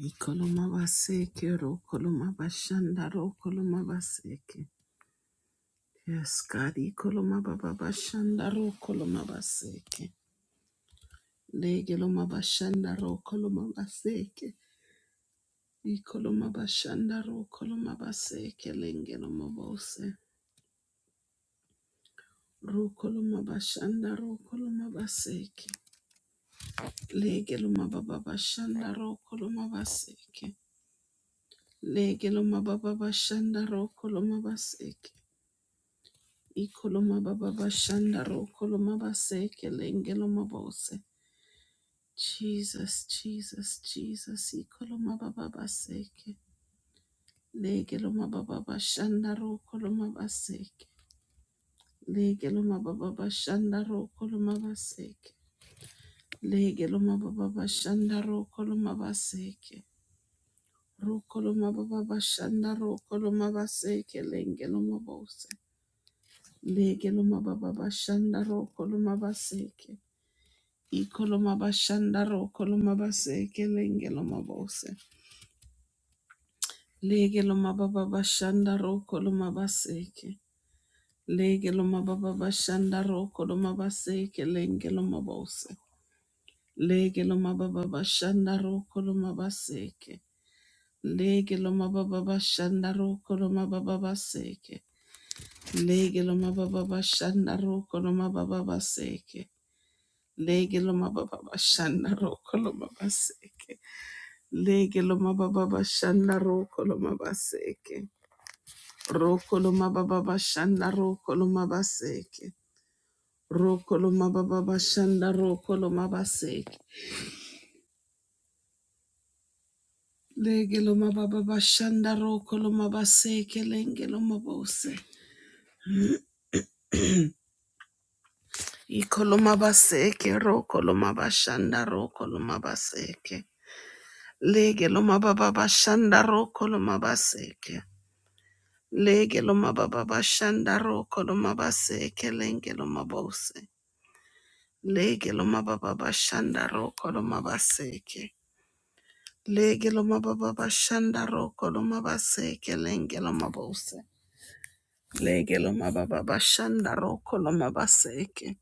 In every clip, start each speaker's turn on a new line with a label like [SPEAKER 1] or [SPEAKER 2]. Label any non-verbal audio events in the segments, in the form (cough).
[SPEAKER 1] Ikoloma baseke, rokoloma bashanda, rokoloma baseke. Yes, God, ikoloma baba bashanda, rokoloma baseke. Legeloma bashanda, rokoloma baseke. Ikoloma bashanda, rokoloma baseke, lengeloma bose. Rokoloma bashanda, rokoloma baseke. Legeloma baba bashanda, rokoloma baseke. Legeloma baba bashanda, rokoloma baseke. Ikoloma baba bashanda ro koloma baseke lengelo mabose. Jesus, Jesus, Jesus. Ikoloma baba baseke. Legelo mababa bashanda ro koloma baseke. Legelo mababa bashanda ro koloma baseke. Legelo mababa bashanda ro koloma baseke. Ro koloma baba bashanda ro koloma baseke lengelo mabose. Legelo mababa bashanda ro koloma baseke. Ikolomabashandaro kolomabaseke lengelomabose. Legelomabababashandaro kolomabaseke. Legelomabababashandaro kolomabaseke lengelomabose. Legelomabababashandaro kolomabaseke. Legelomabababashandaro kolomabababaseke. Legelomabababashandaro kolomabababaseke. Legelomabababashandaro kolomabaseke. Lege lo mababa bashanda roko lo mabaseke. Roko lo mababa bashanda roko lo mabaseke. Roko lo mababa bashanda roko lo mabaseke. Lege lo mababa bashanda roko lo mabaseke lenge lo mabose. Iko lo mabaseke roko lo mabashanda roko lo mabaseke. Lege lo mababa bashanda roko lo mabaseke. Lege lo mababa bashanda roko lo mabaseke lenge lo mabose. Lege lo mababa bashanda roko lo mabaseke. Lege lo mababa bashanda roko lo mabaseke lenge lo mabose. Lege lo mababa bashanda roko lo mabaseke.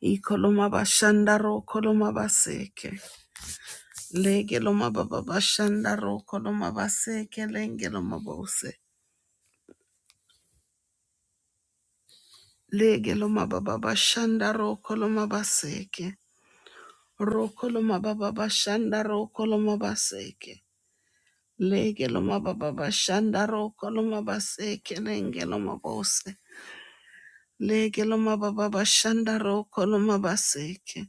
[SPEAKER 1] Iko lo mabashanda roko lo mabaseke. Lege lo mababa bashanda roko lo mabaseke lenge lo mabose. Lege lo mababa bashanda roko lo mabaseke. Roko lo mababa bashanda roko lo mabaseke. Lege loma baba bashanda roko loma base kelenge loma bose. Lege loma baba bashanda roko loma baseke.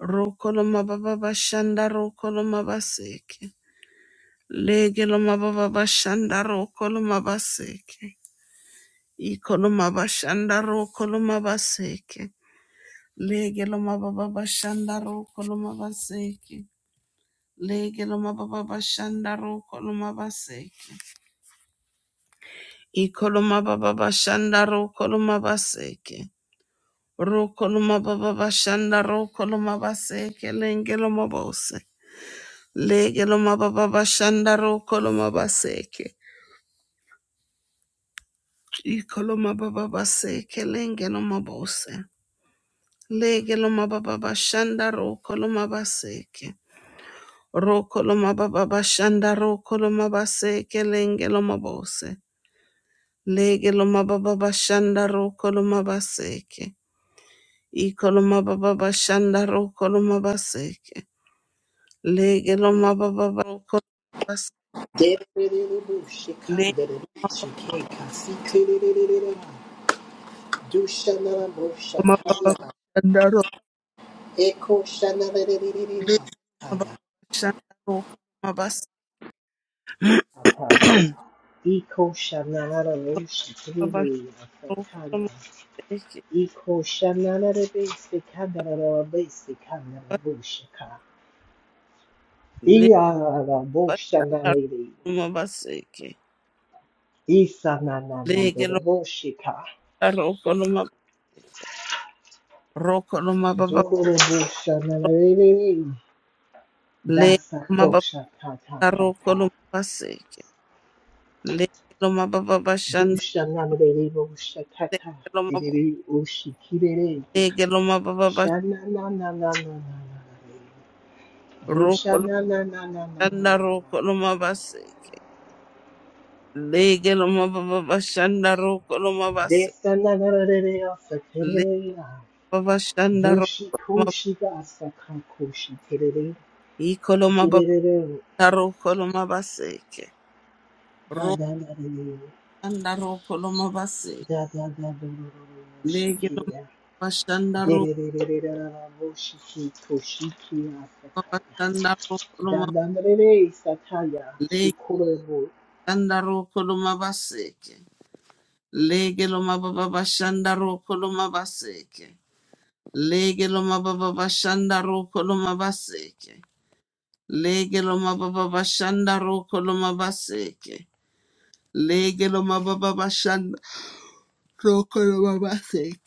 [SPEAKER 1] Roko loma baba bashanda roko loma baseke. Lege loma baba bashanda roko loma baseke. Iko loma bashanda roko loma baseke. Lege loma baba bashanda roko loma baseke. Lege loma baba bashanda roko loma baseke. Ikoloma baba bashanda ro koloma baseke. Ro koloma baba bashanda ro koloma baseke lengelo mabose. Legelo mababa bashanda ro koloma baseke. Ikoloma baba baseke lengelo mabose. Legelo mababa bashanda ro koloma baseke. Ro koloma baba bashanda ro koloma baseke lengelo mabose. Legelo mababa bashanda ro koloma baseke. Ikoloma baba bashanda ro koloma baseke. Lege loma baba ro koloma baseke.
[SPEAKER 2] Iko
[SPEAKER 1] Lege loma baba bashanda ro. Lege loma baba bashanda ro koloma baseke. Koloma bashanda ro koloma baseke. Lege bashanda ro koloma baseke. Lege loma ro koloma ro koloma baba. Lege loma baba
[SPEAKER 2] Dasakosha ta ta
[SPEAKER 1] ro
[SPEAKER 2] ta ta.
[SPEAKER 1] koloma baseke. Lege loma baba bashanda.
[SPEAKER 2] Dusha nanadere bosha ta ta.
[SPEAKER 1] Lege loma
[SPEAKER 2] Didere ushi kirere.
[SPEAKER 1] lege loma baba
[SPEAKER 2] Shana na na na na na na na. Dusha
[SPEAKER 1] Rokolanda
[SPEAKER 2] na na na na na na na
[SPEAKER 1] rokoloma
[SPEAKER 2] na.
[SPEAKER 1] basi. Lege loma shanda bashanda rokoloma basi.
[SPEAKER 2] Desa na na na na na asa
[SPEAKER 1] Lege
[SPEAKER 2] kirere ya.
[SPEAKER 1] baba shanda
[SPEAKER 2] Dushi
[SPEAKER 1] rokoloma
[SPEAKER 2] kushi ga asa kakushi kirere.
[SPEAKER 1] ikoloma baba
[SPEAKER 2] Didere
[SPEAKER 1] rokoloma baseke.
[SPEAKER 2] da da da da
[SPEAKER 1] Rokolanda rokoloma basi.
[SPEAKER 2] da da da da da da ushi
[SPEAKER 1] Lege
[SPEAKER 2] kirere.
[SPEAKER 1] loma shanda rokoloma
[SPEAKER 2] Didere da da da da da ushi ki kushi ki asa kaya.
[SPEAKER 1] bashanda rokoloma
[SPEAKER 2] Dandanderere sataya
[SPEAKER 1] lege
[SPEAKER 2] shukurebo
[SPEAKER 1] shanda rokoloma baseke. Lege loma shanda bashanda rokoloma baseke. Lege loma shanda bashanda rokoloma baseke. Lege lo mababa bashanda roko lo mabaseke. Lege lo mababa bashanda roko lo mabaseke.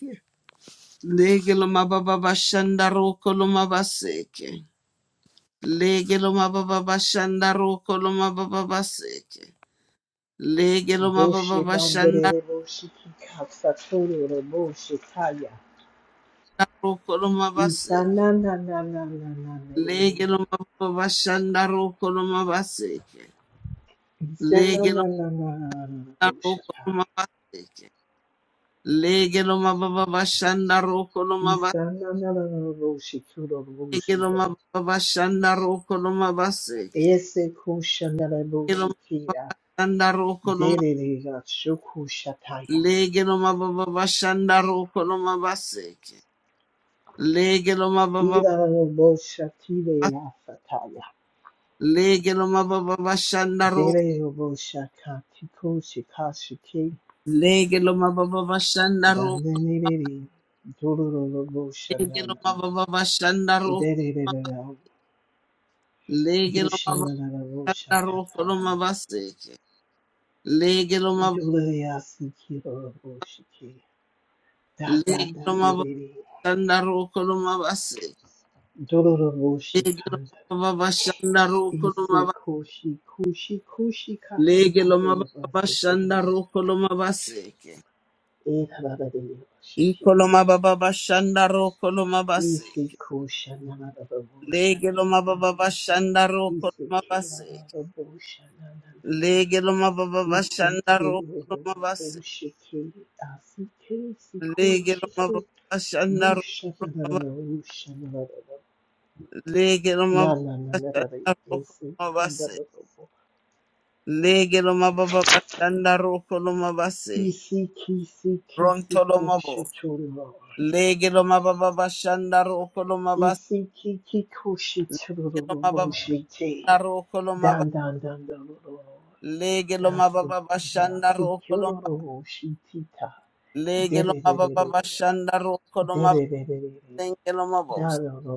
[SPEAKER 1] Lege lo mababa bashanda roko lo mabaseke. Lege lo mababa bashanda roko lo mababa baseke. Lege lo
[SPEAKER 2] doshe
[SPEAKER 1] mababa bashanda
[SPEAKER 2] manderebo shikika satorebo shikaya
[SPEAKER 1] roko lo
[SPEAKER 2] isana
[SPEAKER 1] mabaseke.
[SPEAKER 2] na na na na na na
[SPEAKER 1] Lege lo mababa bashanda roko lo mabaseke.
[SPEAKER 2] isana
[SPEAKER 1] Lege lo
[SPEAKER 2] na na na na na na
[SPEAKER 1] mababa roko
[SPEAKER 2] boshata
[SPEAKER 1] lo mabaseke. Lege lo mababa bashanda roko lo mabaseke.
[SPEAKER 2] isana na na na na boshikuro boshike
[SPEAKER 1] Egeloma baba shanda roko loma baseke.
[SPEAKER 2] ese kusha na na
[SPEAKER 1] Egeloma
[SPEAKER 2] boshikia
[SPEAKER 1] shanda roko loma.
[SPEAKER 2] derere ga shukushataya
[SPEAKER 1] Lege loma baba shanda roko loma baseke. Lege loma baba
[SPEAKER 2] ira na boshatireya sataya
[SPEAKER 1] lege roko.
[SPEAKER 2] Dele robo shaka kiko shika shiki
[SPEAKER 1] Lege loma roko.
[SPEAKER 2] dalene dele dolo robo
[SPEAKER 1] Lege
[SPEAKER 2] shanana
[SPEAKER 1] loma roko.
[SPEAKER 2] dele dele dele do
[SPEAKER 1] Lege loma
[SPEAKER 2] shanana robo
[SPEAKER 1] roko
[SPEAKER 2] shakata
[SPEAKER 1] loma baseke. Lege loma
[SPEAKER 2] dolo yasi kiro robo shiki da da
[SPEAKER 1] lege
[SPEAKER 2] da
[SPEAKER 1] loma
[SPEAKER 2] dele
[SPEAKER 1] roko loma baseke.
[SPEAKER 2] dolo robo
[SPEAKER 1] Lege
[SPEAKER 2] shikanda
[SPEAKER 1] loma baba shanda
[SPEAKER 2] ise koshi koshi koshi kasa
[SPEAKER 1] Lege
[SPEAKER 2] kore
[SPEAKER 1] loma
[SPEAKER 2] robo
[SPEAKER 1] baba
[SPEAKER 2] shiki
[SPEAKER 1] shanda roko loma baseke.
[SPEAKER 2] e da da da dele robo shiki
[SPEAKER 1] Iko loma baba shanda roko loma
[SPEAKER 2] ise
[SPEAKER 1] baseke.
[SPEAKER 2] koshi shanana robo
[SPEAKER 1] Lege loma baba
[SPEAKER 2] shakata
[SPEAKER 1] shanda roko loma
[SPEAKER 2] Isekera
[SPEAKER 1] baseke.
[SPEAKER 2] Rabosha Nanana
[SPEAKER 1] Lege loma baba shanda roko
[SPEAKER 2] Isekera
[SPEAKER 1] loma baseke.
[SPEAKER 2] Raboshiki Asike Siku
[SPEAKER 1] Lege loma
[SPEAKER 2] Shiku
[SPEAKER 1] baba shanda
[SPEAKER 2] Busha
[SPEAKER 1] roko loma
[SPEAKER 2] Nanana
[SPEAKER 1] baseke.
[SPEAKER 2] Rusha Nanana
[SPEAKER 1] Lege loma
[SPEAKER 2] Nana
[SPEAKER 1] baba
[SPEAKER 2] Nanana
[SPEAKER 1] shanda roko loma
[SPEAKER 2] Isekanda
[SPEAKER 1] baseke.
[SPEAKER 2] Rabo
[SPEAKER 1] Lege loma baba shanda roko loma baseke.
[SPEAKER 2] Isiki Siki
[SPEAKER 1] Ronto
[SPEAKER 2] Siku
[SPEAKER 1] loma bo.
[SPEAKER 2] Shichura
[SPEAKER 1] Lege loma baba shanda roko loma baseke.
[SPEAKER 2] Isiki Kiku Shichura Raboshiki Dan
[SPEAKER 1] Lege
[SPEAKER 2] Dan Dan Dan Robo.
[SPEAKER 1] lo mababa
[SPEAKER 2] Dasikuria
[SPEAKER 1] bashanda roko lo ma-
[SPEAKER 2] sikuroro shitita
[SPEAKER 1] lege lo mababa
[SPEAKER 2] dererere
[SPEAKER 1] bashanda roko lo
[SPEAKER 2] dererere
[SPEAKER 1] mabalenge lo mabos
[SPEAKER 2] daroro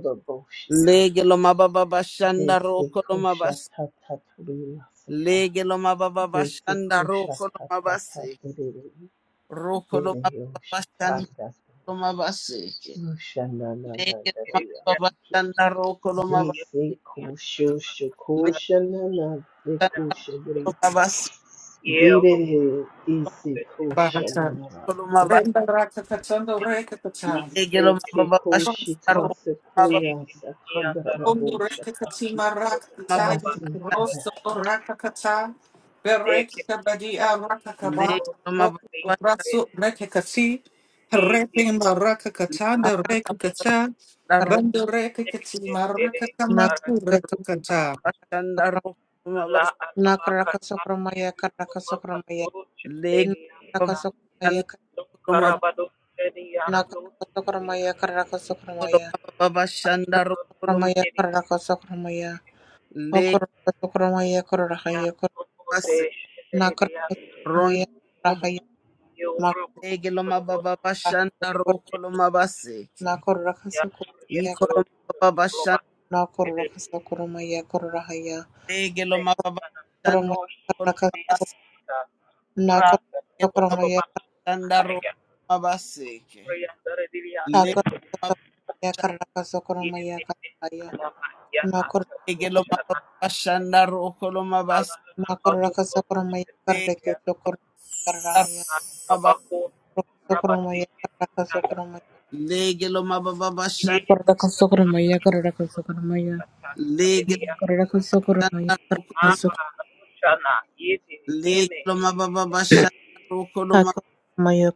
[SPEAKER 1] lege
[SPEAKER 2] boshikaya
[SPEAKER 1] lo mababa bashanda roko lo
[SPEAKER 2] desekosha
[SPEAKER 1] mabas
[SPEAKER 2] tata tulilasika
[SPEAKER 1] lege lo mababa bashanda
[SPEAKER 2] desekosha
[SPEAKER 1] roko lo
[SPEAKER 2] tata
[SPEAKER 1] mabase
[SPEAKER 2] taterere
[SPEAKER 1] roko lo mababa
[SPEAKER 2] dereyosha
[SPEAKER 1] bashanda
[SPEAKER 2] tanda
[SPEAKER 1] lo mabase
[SPEAKER 2] Rusha na na na
[SPEAKER 1] lege lo mababa
[SPEAKER 2] dereyasike
[SPEAKER 1] bashanda roko lo mabase
[SPEAKER 2] desekosho
[SPEAKER 1] lege lo
[SPEAKER 2] dekosha dere
[SPEAKER 1] mabase
[SPEAKER 2] derere isekosha
[SPEAKER 3] Barata,
[SPEAKER 2] na
[SPEAKER 1] roko lo mabase
[SPEAKER 3] Renda Raka Katando Reka Kata,
[SPEAKER 1] lege lo
[SPEAKER 2] Seke
[SPEAKER 1] mababa
[SPEAKER 2] koshi
[SPEAKER 1] bashanda roko lo
[SPEAKER 2] kasa
[SPEAKER 3] So,
[SPEAKER 1] mababa
[SPEAKER 2] kuya sakanda rabu
[SPEAKER 3] Ondo Reka
[SPEAKER 2] shaka.
[SPEAKER 3] Katima Raka Kata,
[SPEAKER 1] mababa
[SPEAKER 2] Dasi
[SPEAKER 3] Rosso Raka Kata, Bereka Kabadia Raka
[SPEAKER 1] lege
[SPEAKER 3] Kaba,
[SPEAKER 1] lo mababa
[SPEAKER 3] Roko Brasso Reka Kati, Repima Raka Kata, the
[SPEAKER 4] Akaraka
[SPEAKER 3] Reka Kata,
[SPEAKER 1] La roba
[SPEAKER 3] Bando Reka Katima Raka Kama, Reka Kata.
[SPEAKER 1] shanda roba bas
[SPEAKER 4] nakaraka sokromaya karaka sokromaya
[SPEAKER 1] leg baba
[SPEAKER 4] nakaraka
[SPEAKER 1] shanda
[SPEAKER 4] sokromaya
[SPEAKER 1] roba
[SPEAKER 4] karaka nakaraka sokromaya karaka sokromaya
[SPEAKER 1] roba baba shanda roba
[SPEAKER 4] sokromaya karaka sokromaya
[SPEAKER 1] leg
[SPEAKER 4] okoraka sokromaya karaka yakor
[SPEAKER 1] bas
[SPEAKER 4] nakaraka
[SPEAKER 1] ron
[SPEAKER 4] sokromaya
[SPEAKER 1] mobo
[SPEAKER 4] karaka makara
[SPEAKER 1] leg loma baba shanda
[SPEAKER 4] yakor
[SPEAKER 1] roba loma baseke
[SPEAKER 4] nakoraka sokromaya
[SPEAKER 1] iko loma baba shanda
[SPEAKER 4] nakoraka sokromaya karaka ya
[SPEAKER 1] leg loma baba shanda
[SPEAKER 4] koromaya
[SPEAKER 1] roba
[SPEAKER 4] karaka
[SPEAKER 1] loma baseke
[SPEAKER 4] nakoraka
[SPEAKER 1] loma
[SPEAKER 4] sokromaya
[SPEAKER 1] shanda roba baseke leg
[SPEAKER 4] Nakoraka sokoromaya karaya. Nakoraka
[SPEAKER 1] leg
[SPEAKER 4] sokoromaya
[SPEAKER 1] loma baba shanda roba baseke
[SPEAKER 4] Nakoraka sokoromaya karreke sokoromaya
[SPEAKER 1] loma
[SPEAKER 4] karaya.
[SPEAKER 1] bas
[SPEAKER 4] Sokoromaya karraka sokoromaya.
[SPEAKER 1] leg loma baba
[SPEAKER 4] Nakoraka sokoromaya karraka sokoromaya.
[SPEAKER 1] shanda
[SPEAKER 4] Nakoraka sokoromaya
[SPEAKER 1] Shanda
[SPEAKER 4] karraka
[SPEAKER 1] Rokolo Legaloma baba bashanda rokoloma
[SPEAKER 4] sokoromaya.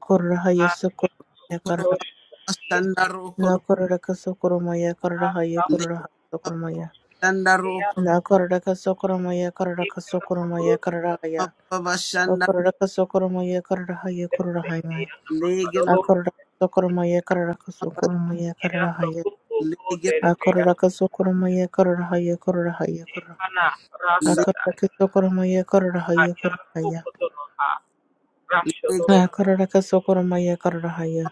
[SPEAKER 1] rokoloma bashanda rokoloma
[SPEAKER 4] Nakoraka sokoromaya sokoromaya karaya. Nakoraka sokoromaya karrahaya
[SPEAKER 1] legaloma
[SPEAKER 4] karraha sokoromaya.
[SPEAKER 1] bashanda rokoloma
[SPEAKER 4] Nakoraka sokoromaya karraka sokoromaya karaya.
[SPEAKER 1] baba bashanda
[SPEAKER 4] Okororaka sokoromoye kararahaye kororahaye.
[SPEAKER 1] legaloma
[SPEAKER 4] Akororaka sokoromoye kararaka sokoromoye kararahaye.
[SPEAKER 1] legal
[SPEAKER 4] Akororaka sokoromoye kararahaye kororahaye korora. Akororaka sokoromoye kararahaye kororahaye.
[SPEAKER 1] legal
[SPEAKER 4] Akororaka sokoromoye kararahaye.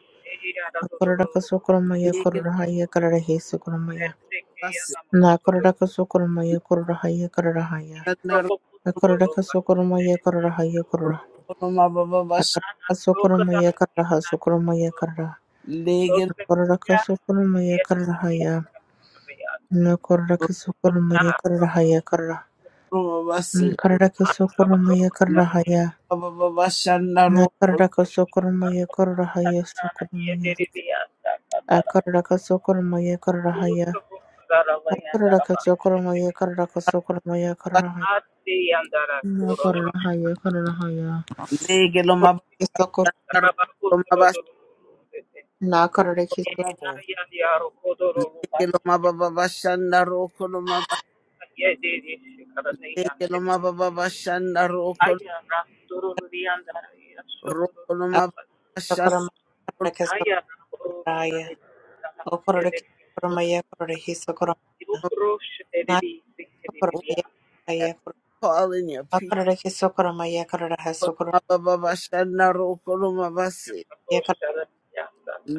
[SPEAKER 4] Akororaka sokoromoye
[SPEAKER 1] legal
[SPEAKER 4] kororahaye kararahaye sokoromoye. Nakororaka sokoromoye kororahaye kararahaye.
[SPEAKER 1] bashanda
[SPEAKER 4] Akororaka sokoromoye kororahaye korora.
[SPEAKER 1] rokoloma baba bash
[SPEAKER 4] Akororaka sokoromoye kararaha sokoromoye
[SPEAKER 1] legal
[SPEAKER 4] Korraka sokormaya karrahaya. Na korraka
[SPEAKER 1] rokoloma
[SPEAKER 4] sokormaya karrahaya karra.
[SPEAKER 1] bas
[SPEAKER 4] Na karraka sokormaya karrahaya.
[SPEAKER 1] baba baba
[SPEAKER 4] Na
[SPEAKER 1] rokoloma
[SPEAKER 4] karraka sokormaya karrahaya sokormaya. A karraka sokormaya karrahaya. A karraka sokormaya karraka sokormaya karrahaya. Na karrahaya karrahaya.
[SPEAKER 1] legaloma
[SPEAKER 4] Sokor
[SPEAKER 1] rokoloma bas
[SPEAKER 4] na karraki sok
[SPEAKER 1] legaloma baba bashanda Ekeloma baba bashanda roko roko
[SPEAKER 4] a
[SPEAKER 1] loma baba shanda
[SPEAKER 4] sokormaya
[SPEAKER 1] loma
[SPEAKER 4] karraka sokormaya. O korraki sokormaya karraki sokormaya.
[SPEAKER 1] baba-
[SPEAKER 4] Sokoramaya
[SPEAKER 1] I
[SPEAKER 4] Maya
[SPEAKER 1] call in your people
[SPEAKER 4] Akarake Sokoramaya Karadaha
[SPEAKER 1] loma
[SPEAKER 4] Sokoramaya
[SPEAKER 1] baba bashanda roko loma basi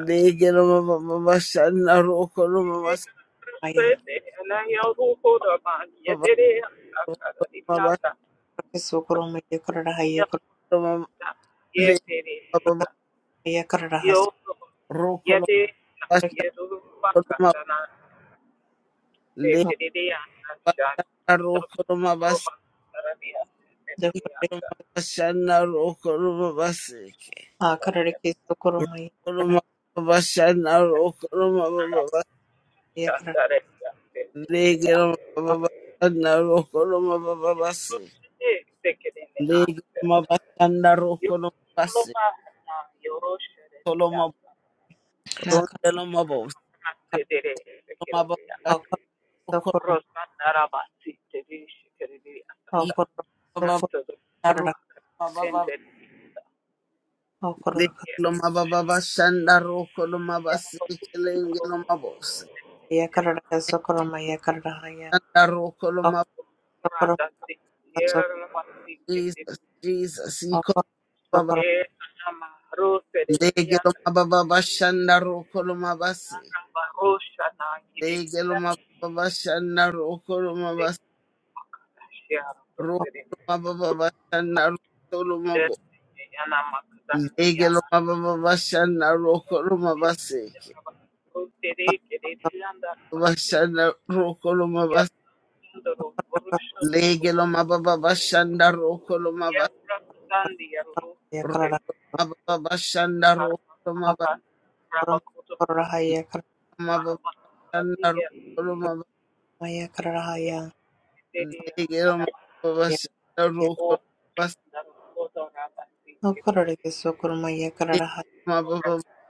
[SPEAKER 1] lege baba bashanda roko loma basi
[SPEAKER 4] Karamaya
[SPEAKER 1] baba loma
[SPEAKER 4] Akarake Sokoramaya Karadahaya
[SPEAKER 1] loma le baba
[SPEAKER 4] Kurakatmaya Karadaha
[SPEAKER 1] roko loma bashanda loma le
[SPEAKER 4] Sokorake
[SPEAKER 1] bashanda roko loma basi loma bashanda roko loma basi
[SPEAKER 4] Akarake Sokoramaya
[SPEAKER 1] roko loma
[SPEAKER 4] Karadahaya
[SPEAKER 1] bashanda roko loma Legelo mababasanda rokolo mababase. Legelo
[SPEAKER 4] Karakar
[SPEAKER 1] mabasanda rokolo mabase. Tolo mabondelo mabos. Mababasoko
[SPEAKER 4] Akar Sokoram Akar
[SPEAKER 1] ikababanda
[SPEAKER 4] Sokor
[SPEAKER 1] rokolo mababa. Legelo mababasanda rokolo mabase. Kelengelo mabos.
[SPEAKER 4] Sokoramaya
[SPEAKER 1] Sanda rokolo mab- Jesus, Jesus, ikolo baba. Legelo mababasanda rokolo mabase. Legelo mababasanda rokolo mabase. Rokolomabababashana rokolomabo. Legelomabababashana rokolomabaseke. Bashana rokolomabas. Legelomabababashana
[SPEAKER 4] Sokoramaya Karada Kororahaya Karamaya Karahaya Yakaya Okororeke Sokoromaya Karahaya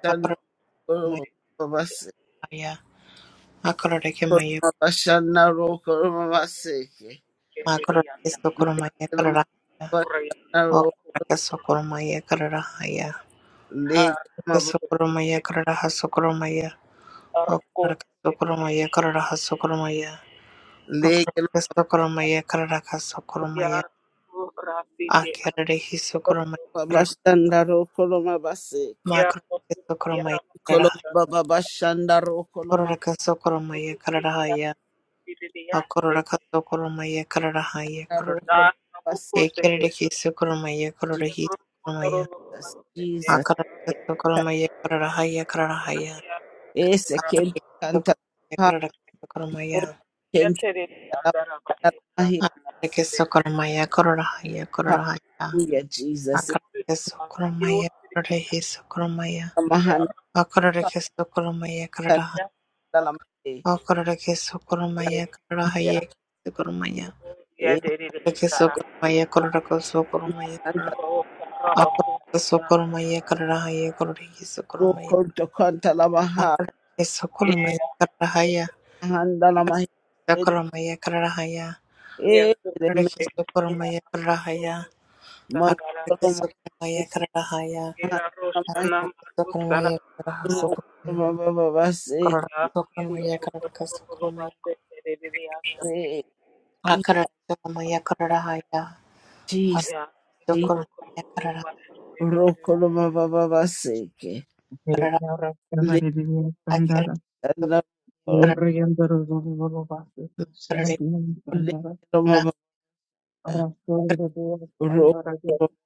[SPEAKER 4] Makororeke Sokoromaya Makororeke Maya Makororeke Sokoromaya Karahaya Okororeke Sokoromaya Karahaya
[SPEAKER 1] Legelo ma
[SPEAKER 4] Okororeke Sokoromaya Karaha Sokoromaya Okororeke Sokoromaya Karaha Sokoromaya
[SPEAKER 1] legelo
[SPEAKER 4] Okororeke Sokoromaya Karaha Sokoromaya Akererehi Sokoromaya
[SPEAKER 1] ma
[SPEAKER 4] Karaha
[SPEAKER 1] bashanda ro koloma baseke.
[SPEAKER 4] Makororeke Sokoromaya Karaha
[SPEAKER 1] Koloma baba bashanda ro koloma
[SPEAKER 4] Kororeke Sokoromaya Karahaya Akorora kaso koromaya kararahaya
[SPEAKER 1] ro
[SPEAKER 4] korora.
[SPEAKER 1] koloma baseke.
[SPEAKER 4] Ekerere kiso koromaya korora hiso koromaya.
[SPEAKER 1] Jesus, Jesus.
[SPEAKER 4] Akarara kaso koromaya kararahaya kararahaya.
[SPEAKER 1] Ese
[SPEAKER 4] Akarara
[SPEAKER 1] kente
[SPEAKER 4] kaso
[SPEAKER 1] kanta
[SPEAKER 4] koromaya
[SPEAKER 1] ha
[SPEAKER 4] karara kaso koromaya.
[SPEAKER 1] ore kente kala kala mahi
[SPEAKER 4] Akarara kaso koromaya kararahaya kararahaya.
[SPEAKER 1] hallelujah Jesus.
[SPEAKER 4] Akarara kaso koromaya korora hiso koromaya.
[SPEAKER 1] Mahan
[SPEAKER 4] Akarara kaso koromaya
[SPEAKER 1] kanta
[SPEAKER 4] kararahaya.
[SPEAKER 1] la mahi.
[SPEAKER 4] Akarara kaso koromaya kararahaya kiso koromaya.
[SPEAKER 1] E
[SPEAKER 4] Akarara kaso koromaya korora kaso koromaya
[SPEAKER 1] kanta la
[SPEAKER 4] Aparata socoromaya kararahaya kororhi
[SPEAKER 1] ro
[SPEAKER 4] socoromaya
[SPEAKER 1] konto kanta la maha.
[SPEAKER 4] akararhe
[SPEAKER 1] E
[SPEAKER 4] socoromaya kararahaya
[SPEAKER 1] handa la mahi. E
[SPEAKER 4] socoromaya kararahaya
[SPEAKER 1] e reme
[SPEAKER 4] akararhe socoromaya kararahaya
[SPEAKER 1] mon
[SPEAKER 4] akararhe
[SPEAKER 1] koloma e
[SPEAKER 4] socoromaya kararahaya
[SPEAKER 1] mahanda
[SPEAKER 4] akararhe socoromaya kararahaya socoromaya
[SPEAKER 1] Rokolomabababaseke.
[SPEAKER 4] kararhe socoromaya kararahaya socoromaya akararhe socoromaya kararahaya
[SPEAKER 1] Ichishi.
[SPEAKER 4] socoromaya kararahaya kararahaya akararhe socoromaya kararahaya kararahaya
[SPEAKER 1] Rokolomabababaseke. Lekanamabababaseke. Rokolomabababaseke.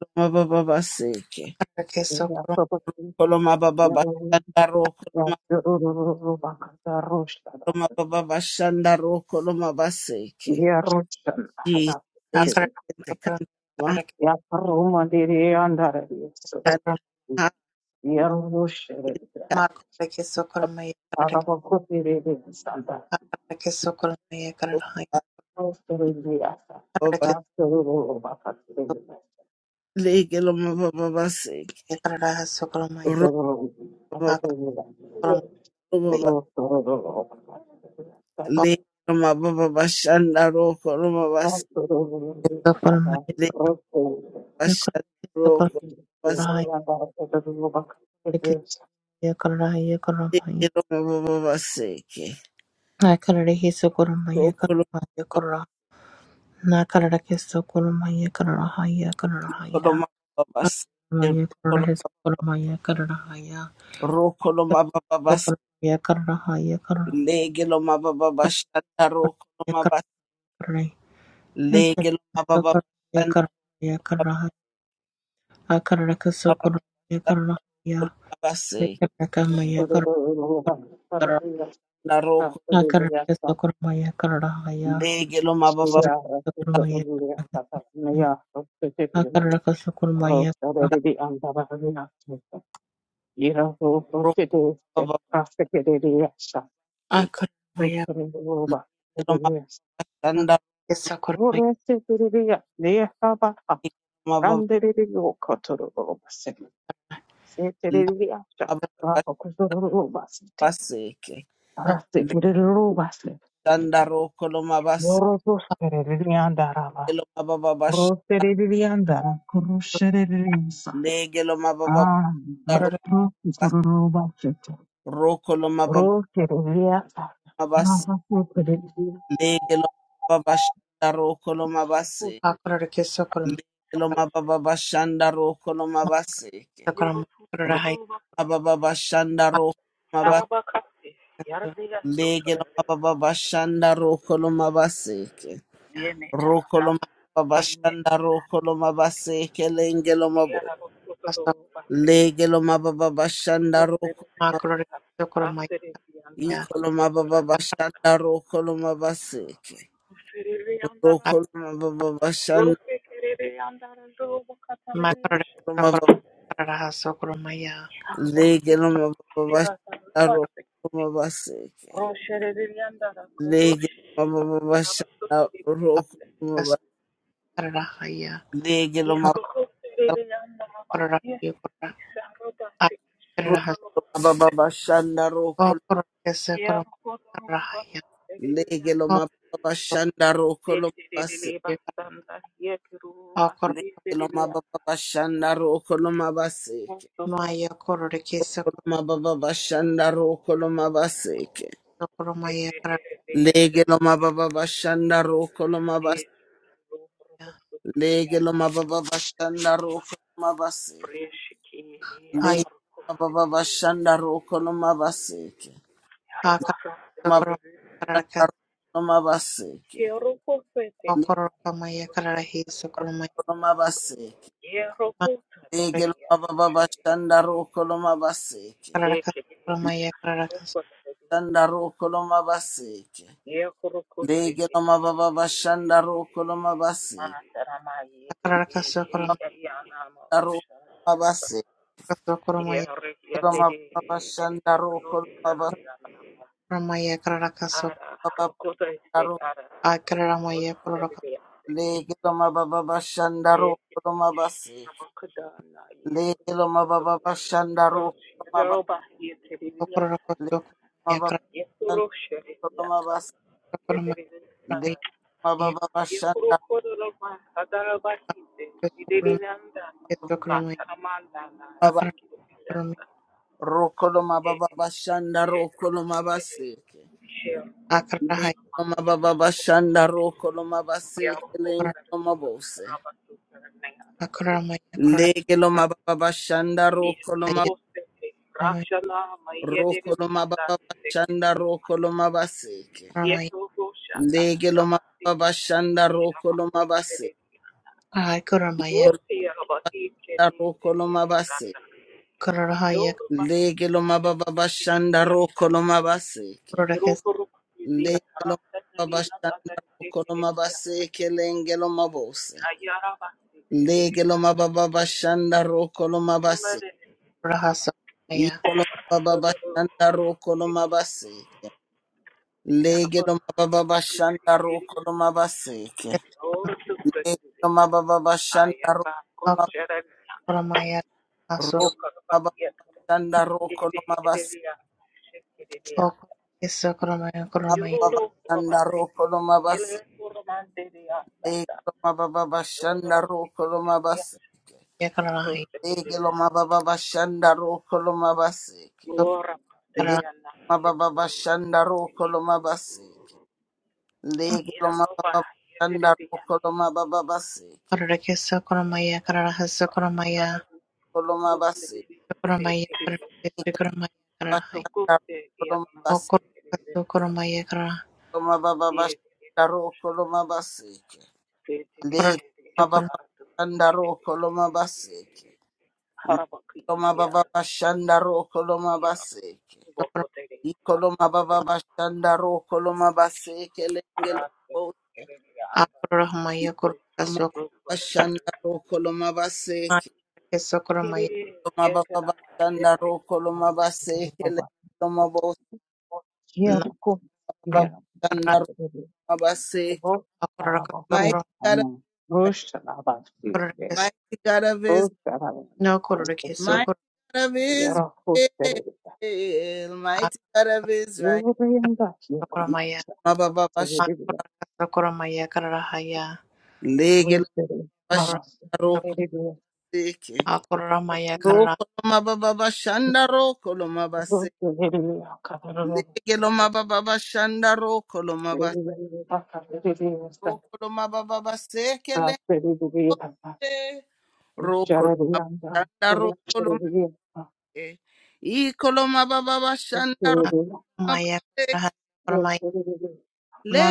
[SPEAKER 1] Rokolomabababaseke.
[SPEAKER 4] akararhe socoromaya
[SPEAKER 1] Rokolomabababashanda. Rokolomabababashanda. Rokolomabaseke.
[SPEAKER 5] Yarushan,
[SPEAKER 1] Jesus.
[SPEAKER 5] Yaparuma diri andare yesu,
[SPEAKER 4] kararahaya
[SPEAKER 5] Yarushere,
[SPEAKER 4] Ma karare ke sokolma ye karare ke
[SPEAKER 5] Arabakuti diri santa,
[SPEAKER 4] karare ke sokolma ye karare hai
[SPEAKER 5] Osteri diasa,
[SPEAKER 4] karare ke
[SPEAKER 5] Absoluru bakati
[SPEAKER 4] sokolma
[SPEAKER 5] diri,
[SPEAKER 1] Legelomabababaseke.
[SPEAKER 4] ye karare hai sokolma ye
[SPEAKER 5] Totoro,
[SPEAKER 4] ha sokolma
[SPEAKER 5] Absoluru,
[SPEAKER 4] ye
[SPEAKER 5] Rotoro,
[SPEAKER 4] ha
[SPEAKER 1] le ma baba bashanda roko roma bas
[SPEAKER 5] Absoluru,
[SPEAKER 4] ke sokolma
[SPEAKER 5] Kata,
[SPEAKER 4] ye
[SPEAKER 1] le
[SPEAKER 5] Rotoro, Yarushan, Totoro, Bakati diri, Rotoro,
[SPEAKER 4] karare
[SPEAKER 1] bashanda
[SPEAKER 4] ke sokolma
[SPEAKER 1] roko bas
[SPEAKER 4] hai karare ke ye karare hai ye karare
[SPEAKER 1] le
[SPEAKER 4] hai
[SPEAKER 1] roma baba baseke
[SPEAKER 4] na karare ke sokolma ye
[SPEAKER 1] roko
[SPEAKER 4] karare
[SPEAKER 1] roma
[SPEAKER 4] hai ye karare na karare ke sokolma ye karare hai ye karare hai ya
[SPEAKER 1] baba bas
[SPEAKER 4] karare ye
[SPEAKER 1] roko
[SPEAKER 4] karare hai
[SPEAKER 1] roma
[SPEAKER 4] sokolma ye karare hai ya
[SPEAKER 1] roko roma baba bas
[SPEAKER 4] sokolma ye karare hai ye karare
[SPEAKER 1] le roma baba bashanda
[SPEAKER 4] karare
[SPEAKER 1] roko roma bas
[SPEAKER 4] karare
[SPEAKER 1] le
[SPEAKER 4] Eka
[SPEAKER 1] roma baba
[SPEAKER 4] sokoraya
[SPEAKER 1] bashanda
[SPEAKER 4] karaya
[SPEAKER 1] roko
[SPEAKER 4] karaha akaraka
[SPEAKER 1] roma
[SPEAKER 4] sokoraya karahaya
[SPEAKER 1] baseke
[SPEAKER 4] akaraka maya karaka
[SPEAKER 5] Bakati diri, Totoro,
[SPEAKER 1] na roko
[SPEAKER 5] Bakati
[SPEAKER 4] akaraka
[SPEAKER 5] diri,
[SPEAKER 4] sokoraya karahaya
[SPEAKER 1] le roma baba
[SPEAKER 5] Yoro
[SPEAKER 4] akaraka sokoraya karaka sokoraya
[SPEAKER 1] roko baba baseke
[SPEAKER 4] akaraka sokoraya karaha akaraya
[SPEAKER 1] le roma bashanda
[SPEAKER 4] karaka sokoraya
[SPEAKER 1] roko abababaseke neshandaro koloma baseke
[SPEAKER 5] so sererianda raba,
[SPEAKER 1] loma
[SPEAKER 5] ro
[SPEAKER 1] bababasha
[SPEAKER 5] sererianda, kuru sererianda.
[SPEAKER 1] lege loma bababaro
[SPEAKER 5] Ah,
[SPEAKER 4] akaraka
[SPEAKER 5] doctor, it's not
[SPEAKER 1] bas
[SPEAKER 5] a robot.
[SPEAKER 1] roko loma
[SPEAKER 5] Rote ria
[SPEAKER 1] bababas
[SPEAKER 5] Never put rote ria
[SPEAKER 1] lege loma bababashandaro koloma base
[SPEAKER 5] rote
[SPEAKER 4] akaraka sokoraya
[SPEAKER 1] lege loma bababashandaro koloma
[SPEAKER 4] ma
[SPEAKER 1] baseke
[SPEAKER 4] sokoraya
[SPEAKER 1] roma
[SPEAKER 4] karahaya
[SPEAKER 1] bababashandaro koloma bas
[SPEAKER 4] akaraka
[SPEAKER 1] lege loma bababashandaro koloma baseke
[SPEAKER 4] sokoraya kasta kasta
[SPEAKER 1] Legelo mababa bashanda roko
[SPEAKER 4] ma akaraka sokoraya
[SPEAKER 1] ikolo mababa bashanda rokolo mabaseke rokolo mababa bashanda
[SPEAKER 4] Makaraka
[SPEAKER 1] rokolo
[SPEAKER 4] Sakura
[SPEAKER 1] mababa
[SPEAKER 4] Sokurumaya
[SPEAKER 1] legelo mababa bashanda rokolo mabaseke legelo mababa bashanda rokolo mababa
[SPEAKER 4] Karahaya
[SPEAKER 1] legelo
[SPEAKER 4] Sokurahaya Karaha
[SPEAKER 1] mababa bashanda rokolo
[SPEAKER 4] Sokurakasa Kurumaya
[SPEAKER 1] legelo
[SPEAKER 4] Also
[SPEAKER 1] mababa bashanda rokolo mabase
[SPEAKER 4] Akura
[SPEAKER 1] legelo mababa bashanda rokolo mabase
[SPEAKER 4] Maya Kururiki
[SPEAKER 1] Kolomababa bashanda ro kolomabaseke.
[SPEAKER 4] Sokurumaya Karahaya
[SPEAKER 1] Lege lomababa bashanda ro kolomabas. Lege lomababa bashanda ro kolomabaseke. Lege
[SPEAKER 4] Haya
[SPEAKER 1] lomababa bashanda ro kolomabaseke.
[SPEAKER 4] Akara Sokurum Karaka
[SPEAKER 1] Mabashanda ro kolomabaseke. Lege
[SPEAKER 4] Sokurukamaya Karahi
[SPEAKER 1] ro
[SPEAKER 4] Sokurumaya
[SPEAKER 1] kolomabaseke. Lege lomababa bashanda ro kolomabaseke.
[SPEAKER 4] Karaka Sokurumaya Karaka
[SPEAKER 1] Shanda ro kolomabaseke. Lege lomababa bashanda ro kolomabaseke.
[SPEAKER 4] Karaka Sokurumaya
[SPEAKER 1] Ro Lege lo mababa
[SPEAKER 4] Sokurumaya Karaka Akararamoye kororoka
[SPEAKER 1] bashanda ro
[SPEAKER 4] sokororoko sokoromoye akararasokoromoye kororohaye akararake sokoromoye akararasokoromoye akararahaye korora akararamoye korora
[SPEAKER 1] koloma
[SPEAKER 4] kororahaye kororomoye
[SPEAKER 1] Rokoloma baba bashanda rokoloma baseke.
[SPEAKER 4] kororomaye
[SPEAKER 1] Lege loma baba bashanda rokoloma base.
[SPEAKER 4] ahaye kororomaye
[SPEAKER 1] Ikoloma rokoloma base.
[SPEAKER 4] kororohaye
[SPEAKER 1] Lege loma baba bashanda rokoloma baseke.
[SPEAKER 4] kororake sokorora
[SPEAKER 1] Lege loma baba bashanda rokoloma baseke lenge loma bose. Lege loma baba bashanda rokoloma base.
[SPEAKER 4] kororahasokoromoye
[SPEAKER 1] Ikoloma baba bashanda rokoloma baseke. Lege loma baba bashanda rokoloma baseke. Roma baba bashanda roma
[SPEAKER 4] akararasokoromoye
[SPEAKER 1] roko
[SPEAKER 4] akararasokoromoye
[SPEAKER 1] baba bashanda roko roma bas
[SPEAKER 4] sokororomoye kororomaye
[SPEAKER 1] baba bashanda roko roma bas
[SPEAKER 4] akararahaye
[SPEAKER 1] dege roma baba bashanda roko roma bas
[SPEAKER 4] sokorora
[SPEAKER 1] dege roma baba bashanda roko roma bas dege roma baba bashanda roko roma bas dege roma baba bashanda roko roma baba bas
[SPEAKER 4] akararake sokororomaye akararahasokoromoye
[SPEAKER 1] roma bas
[SPEAKER 4] Coromandel
[SPEAKER 1] dege
[SPEAKER 4] Corona Coromandel
[SPEAKER 1] bashanda roko roma bas
[SPEAKER 4] Corona Corona Corona Corona Corona
[SPEAKER 1] roma baba bashanda roko roma bas Loma baba
[SPEAKER 4] Corona
[SPEAKER 1] shanda roko loma baseke. Leke Loma baba bashanda roko loma baseke. Iko loma baba bashanda roko loma baseke lenge lobose.
[SPEAKER 4] Corona Corona Corona
[SPEAKER 1] Loma bashanda roko loma baseke. Loma baba bashanda roko loma
[SPEAKER 5] nama rote
[SPEAKER 1] baseke
[SPEAKER 5] baba
[SPEAKER 1] lenge loma bose.
[SPEAKER 5] kia
[SPEAKER 1] Loma
[SPEAKER 5] ko
[SPEAKER 1] baba
[SPEAKER 5] kia
[SPEAKER 1] bashanda roko
[SPEAKER 5] rote
[SPEAKER 1] loma baseke.
[SPEAKER 5] baba
[SPEAKER 4] Corona
[SPEAKER 5] araba
[SPEAKER 4] Corona
[SPEAKER 1] Mighty
[SPEAKER 5] ko
[SPEAKER 4] Corona
[SPEAKER 1] God of
[SPEAKER 5] nama
[SPEAKER 1] Israel,
[SPEAKER 5] rosh araba sike
[SPEAKER 1] mighty God of Israel,
[SPEAKER 5] rosh araba
[SPEAKER 4] No Corona
[SPEAKER 5] rote
[SPEAKER 4] Corona
[SPEAKER 5] sike
[SPEAKER 1] Mighty
[SPEAKER 4] Corona
[SPEAKER 1] God of Israel,
[SPEAKER 5] yara ko tere
[SPEAKER 1] mighty God of Israel.
[SPEAKER 5] yore yanda kia ko
[SPEAKER 1] Mabababasha,
[SPEAKER 5] tere ria
[SPEAKER 4] Corona Corona Haya
[SPEAKER 1] lege
[SPEAKER 5] rote ria
[SPEAKER 1] lomabasha,
[SPEAKER 4] Corona
[SPEAKER 5] brava
[SPEAKER 1] roko
[SPEAKER 5] tere ria
[SPEAKER 1] seke.
[SPEAKER 4] Corona Maya Corona
[SPEAKER 1] Roko lomabababashanda, roko lomabase.
[SPEAKER 5] rote ria kadaro
[SPEAKER 1] Lege lomabababashanda, roko
[SPEAKER 5] Thank
[SPEAKER 1] lomabase. Roko lomabababaseke, leko se. Roko lomabashanda, roko lomabase. Iko lomabababashanda, roko
[SPEAKER 4] Maya Corona Corona Maya Corona
[SPEAKER 1] lomabaseke.
[SPEAKER 4] Corona Corona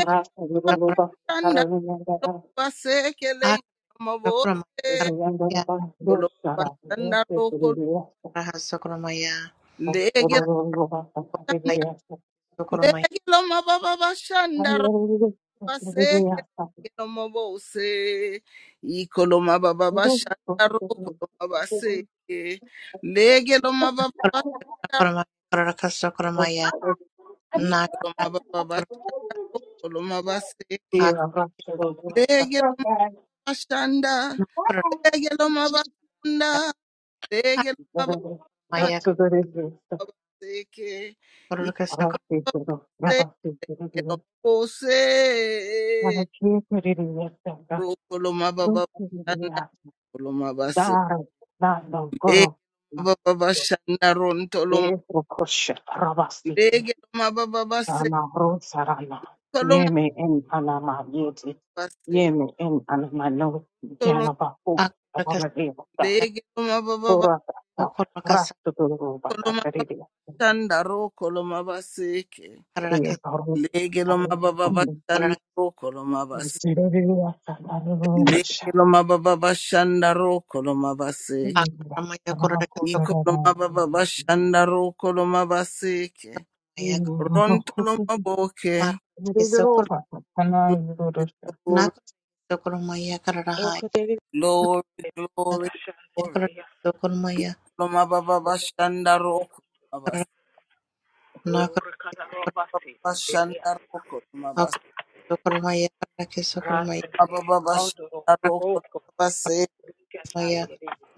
[SPEAKER 4] Corona Corona Corona Corona
[SPEAKER 1] Lege
[SPEAKER 4] Akoromaya, sokoromaya,
[SPEAKER 1] lege lo mababa bashanda ro baseke lege lo mabose iko lo mababa bashanda ro kolo
[SPEAKER 5] you.
[SPEAKER 1] mabaseke lege lo mababa bashanda
[SPEAKER 4] kororakakoromaya, kororakasokoromaya,
[SPEAKER 1] iko lo
[SPEAKER 4] nakaraka,
[SPEAKER 1] mababa
[SPEAKER 4] kororaka,
[SPEAKER 1] bashanda ro kolo mabaseke lege lo mabashanda
[SPEAKER 4] kororaka,
[SPEAKER 1] lege lo mabashanda lege lo mabashanda
[SPEAKER 5] Yeme
[SPEAKER 4] kororaya,
[SPEAKER 1] Seke,
[SPEAKER 4] kororakasokororaka,
[SPEAKER 1] Seke, Lomo Se, Roko Loma Baba Shanda, Loma Base, Lege Loma Baba Shanda, Ronto Loma, Lege Loma Baba Se, Koloma Base, Koloma,
[SPEAKER 4] akororakasoya,
[SPEAKER 1] Lege Loma Baba, Base,
[SPEAKER 4] okororakaso,
[SPEAKER 1] Koloma Baba Shanda, Roko Loma Baseke,
[SPEAKER 4] kororaka,
[SPEAKER 1] Lege Loma Baba Base Shanda,
[SPEAKER 4] kororaka,
[SPEAKER 1] Roko Loma Base, Lege Loma Baba Base Shanda, Roko Loma Baseke.
[SPEAKER 4] akoromaya, kororakasokoromaya, kororaka,
[SPEAKER 1] Ikoloma baba
[SPEAKER 5] Thank
[SPEAKER 1] bashanda ro koloma baseke. Rontoloma boke.
[SPEAKER 4] isokoro-
[SPEAKER 1] Glory,
[SPEAKER 4] nakoro- sokoromaya, kororahaya,
[SPEAKER 1] glory, glory,
[SPEAKER 4] nakarahaya,
[SPEAKER 1] glory.
[SPEAKER 4] kororakasokoromaya,
[SPEAKER 1] Ikoloma baba bashanda ro koloma bas-
[SPEAKER 4] kororaka, nakoro- sokoromaya,
[SPEAKER 1] baba bashanda ro koloma bas-
[SPEAKER 4] kororakasokoromaya, kororakasokoromaya,
[SPEAKER 1] baba baba bashanda ro koloma baseke.
[SPEAKER 4] kororakasokoromaya,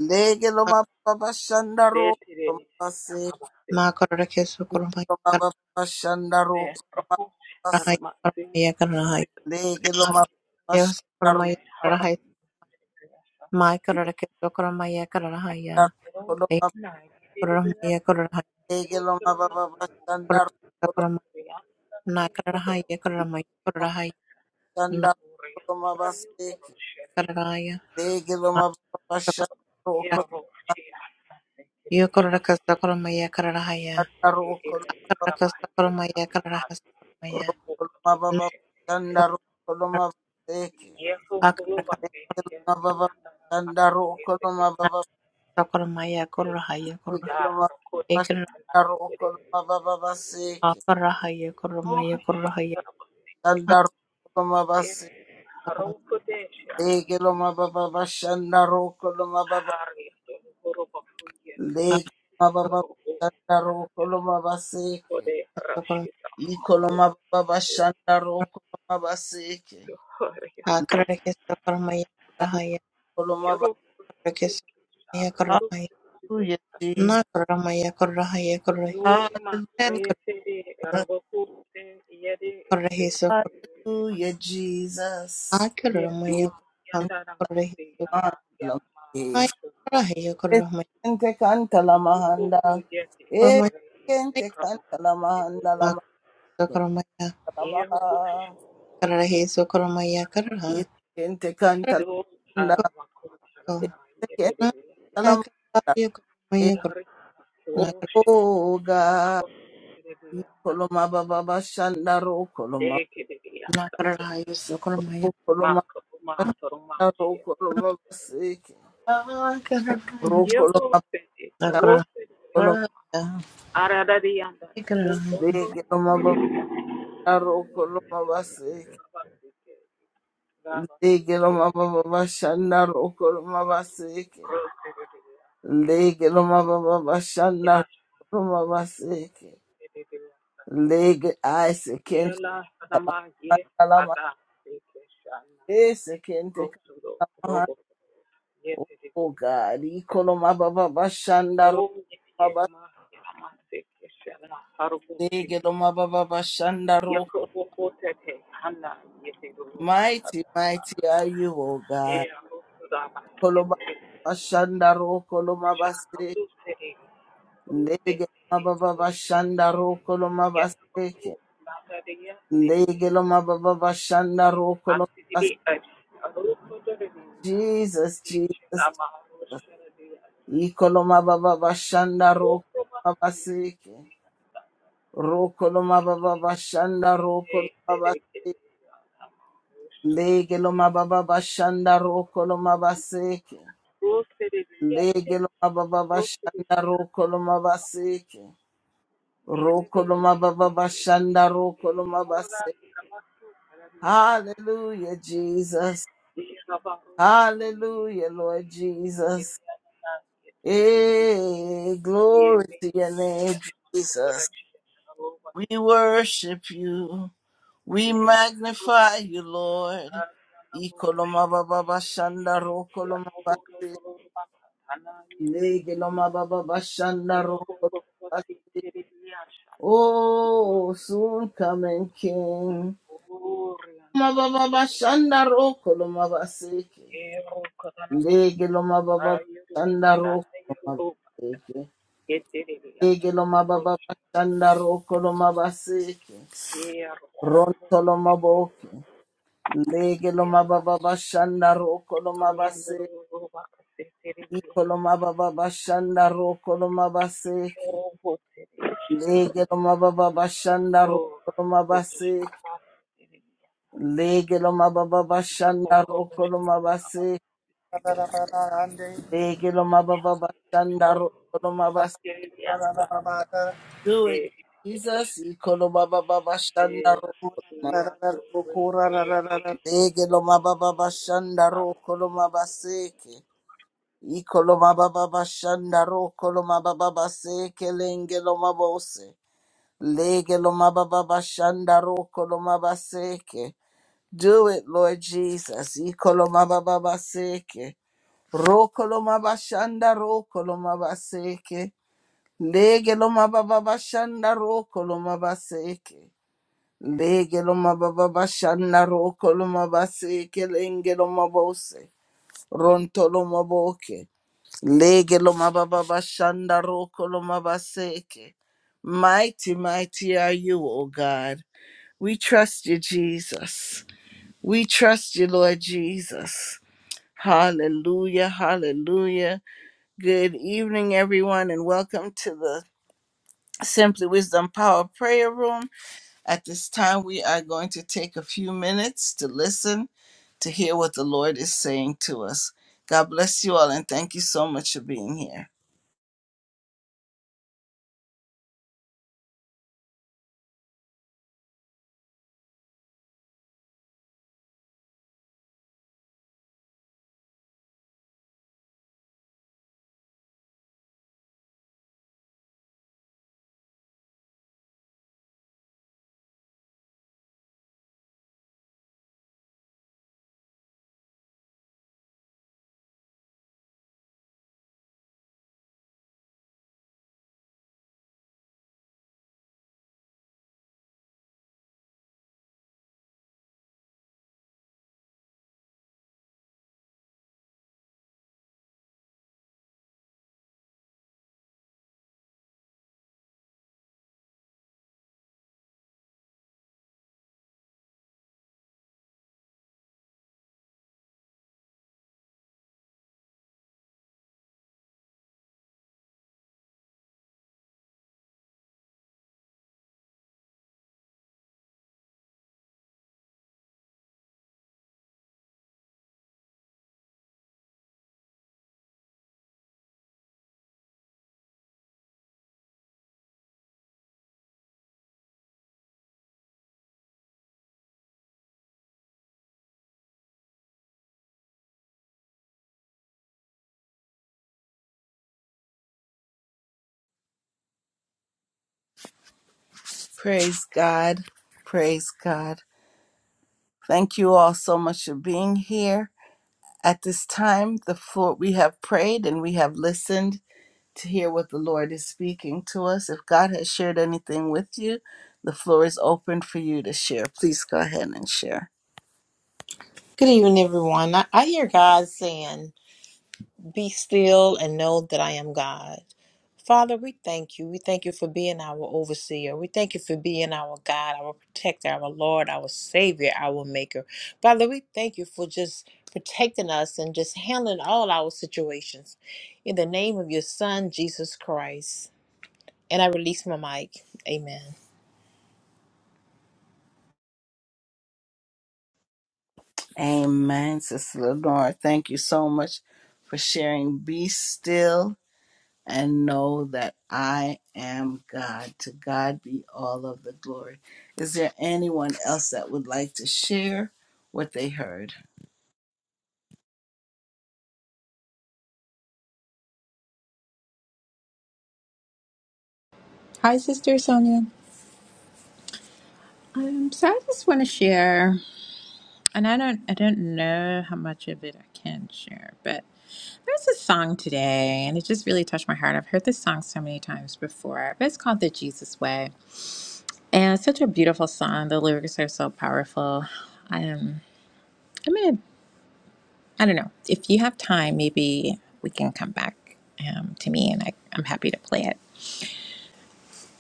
[SPEAKER 1] Lege loma baba bashanda ro koloma baseke.
[SPEAKER 4] Ma kararake sokoromaya
[SPEAKER 1] Ikoloma baba bashanda ro koloma
[SPEAKER 4] kararahaya
[SPEAKER 1] baseke.
[SPEAKER 4] kararahaya kararahaya.
[SPEAKER 1] Lege loma baba
[SPEAKER 4] Asarahaya
[SPEAKER 1] bashanda ro
[SPEAKER 4] sokoromaya
[SPEAKER 1] koloma
[SPEAKER 4] kararahaya. Ma kararake sokoromaya kararahaya. E
[SPEAKER 1] baseke.
[SPEAKER 4] sokoromaya kararahaya
[SPEAKER 1] Lege loma baba bashanda
[SPEAKER 4] kararahaya
[SPEAKER 1] rokolo
[SPEAKER 4] sokoromaya. Na kararahaya kararahaya
[SPEAKER 1] loma
[SPEAKER 4] kararahaya. Na
[SPEAKER 1] shanda rokolo mabaseke.
[SPEAKER 4] kararahaya.
[SPEAKER 1] Lege
[SPEAKER 4] Ma
[SPEAKER 1] loma baba
[SPEAKER 4] sokoromaya.
[SPEAKER 1] bashanda rokolo
[SPEAKER 4] Yo kararake sokoromaya kararahaya.
[SPEAKER 1] shanda rokolo
[SPEAKER 4] Akararake sokoromaya kararahaya sokoromaya.
[SPEAKER 1] rokolo
[SPEAKER 4] Na
[SPEAKER 1] mababa shanda rokolo
[SPEAKER 4] sokoromaya.
[SPEAKER 1] mabaseke.
[SPEAKER 4] Akararake
[SPEAKER 1] Lege loma baba shanda rokolo
[SPEAKER 4] na
[SPEAKER 1] mababa
[SPEAKER 4] sokoromaya kararahaya
[SPEAKER 1] lege
[SPEAKER 4] kararahaya.
[SPEAKER 1] loma
[SPEAKER 4] E
[SPEAKER 1] baba
[SPEAKER 4] kararahaya
[SPEAKER 1] shanda rokolo mababa baseke.
[SPEAKER 4] kararahaya kararahaya
[SPEAKER 1] Shanda rokolo mabaseke. Lege loma baba bashanda rokolo mababa lege loma baba shanda rokolo mabaseke. Ikoloma baba shanda rokoloma baseke.
[SPEAKER 4] Nakaraya,
[SPEAKER 1] Shanda
[SPEAKER 4] Nakaraya,
[SPEAKER 1] koloma ba- Hallelujah, Jesus.
[SPEAKER 4] Nakaraya,
[SPEAKER 1] Hallelujah, hallelujah, Jesus. Ikentala- eh, Kente kanta la mahanda. Eh, Kente kanta la mahanda la mahanda la maha. Eh, Kente kanta la mahanda. Eh, Kente kanta la mahanda. Eh, Oh, God. Ikoloma baba bashanda rokoloma koloma ro koloma bashanda ro koloma baseke rokoloma koloma
[SPEAKER 4] Nakaraya,
[SPEAKER 1] bege loma baba ro koloma baseke lege loma baba bashanda rokoloma baseke lege loma baba bashanda rokoloma baseke lege aise kente kalama aise kente kalama oh god ikoloma baba bashanda ro Legeloma Mighty, mighty are you, O God. Koloma bashandaro koloma basake. Legeloma baba bashandaro koloma basake. Legeloma baba bashandaro koloma basake. Jesus, Jesus, Jesus. Ikoloma baba bashandaro koloma basake. Rokoloma baba bashandaro koloma basake. Legeloma baba bashandaro koloma basake. Lege loma baba bashanda roko loma baseke. Roko loma baba bashanda roko loma baseke. Hallelujah, Jesus. Hallelujah, Lord Jesus. Hey, glory to your name, Jesus. We worship you. We magnify you, Lord. Ikoloma baba bashanda roko loma baseke. Lege loma baba bashanda roko Oh, soon coming King. Mababa Shanda Roko Lomabaseke. Lege Lomababa Shanda Roko Lomabaseke. Lege Lomababa Shanda Roko Lomabaseke. Ronto Lomaboke. Lege Lomababa Shanda Roko Lomabaseke. Iko Lomababa Shanda Roko Lomabaseke. Lege Lomababa Shanda Roko Lomaba Lege lo mababa bashanda roko lo mabase.
[SPEAKER 6] Hey,
[SPEAKER 1] Lege lo mababa bashanda roko lo mabase. Do it, Jesus. Iko lo mababa bashanda roko lo mabase. Lege lo mababa bashanda roko lo mabaseke. Iko lo mababa bashanda roko lo mababa baseke. Lenge lo mabose. Lege lo mababa bashanda roko lo mabaseke. Do it, Lord Jesus. Iko lo mababa baseke. Rokoloma bashanda rokoloma baseke. Lege loma baba bashanda rokoloma baseke. Lege loma baba bashanda rokoloma baseke lenge loma bose. Ronto loma boke. Lege loma baba bashanda rokoloma baseke. Mighty, mighty are you, O God. We trust you, Jesus. We trust you, Lord Jesus. Hallelujah, hallelujah. Good evening, everyone, and welcome to the Simply Wisdom Power Prayer Room. At this time, we are going to take a few minutes to listen to hear what the Lord is saying to us. God bless you all, and thank you so much for being here. Praise God. Praise God. Thank you all so much for being here. At this time, the floor we have prayed and we have listened to hear what the Lord is speaking to us. If God has shared anything with you, the floor is open for you to share. Please go ahead and share.
[SPEAKER 4] Good evening, everyone. I, I hear God saying, Be still and know that I am God. Father, we thank you. We thank you for being our overseer. We thank you for being our God, our protector, our Lord, our Savior, our Maker. Father, we thank you for just protecting us and just handling all our situations. In the name of your Son, Jesus Christ. And I release my mic. Amen.
[SPEAKER 1] Amen, Sister Lenore. Thank you so much for sharing. Be still and know that I am God. To God be all of the glory. Is there anyone else that would like to share what they heard?
[SPEAKER 7] Hi, Sister Sonia. Um, so I just want to share, and I don't, I don't know how much of it I can share, but there's a song today, and it just really touched my heart. I've heard this song so many times before, but it's called "The Jesus Way," and it's such a beautiful song. The lyrics are so powerful. Um, I'm gonna, I don't know, if you have time, maybe we can come back um, to me, and I, I'm happy to play it.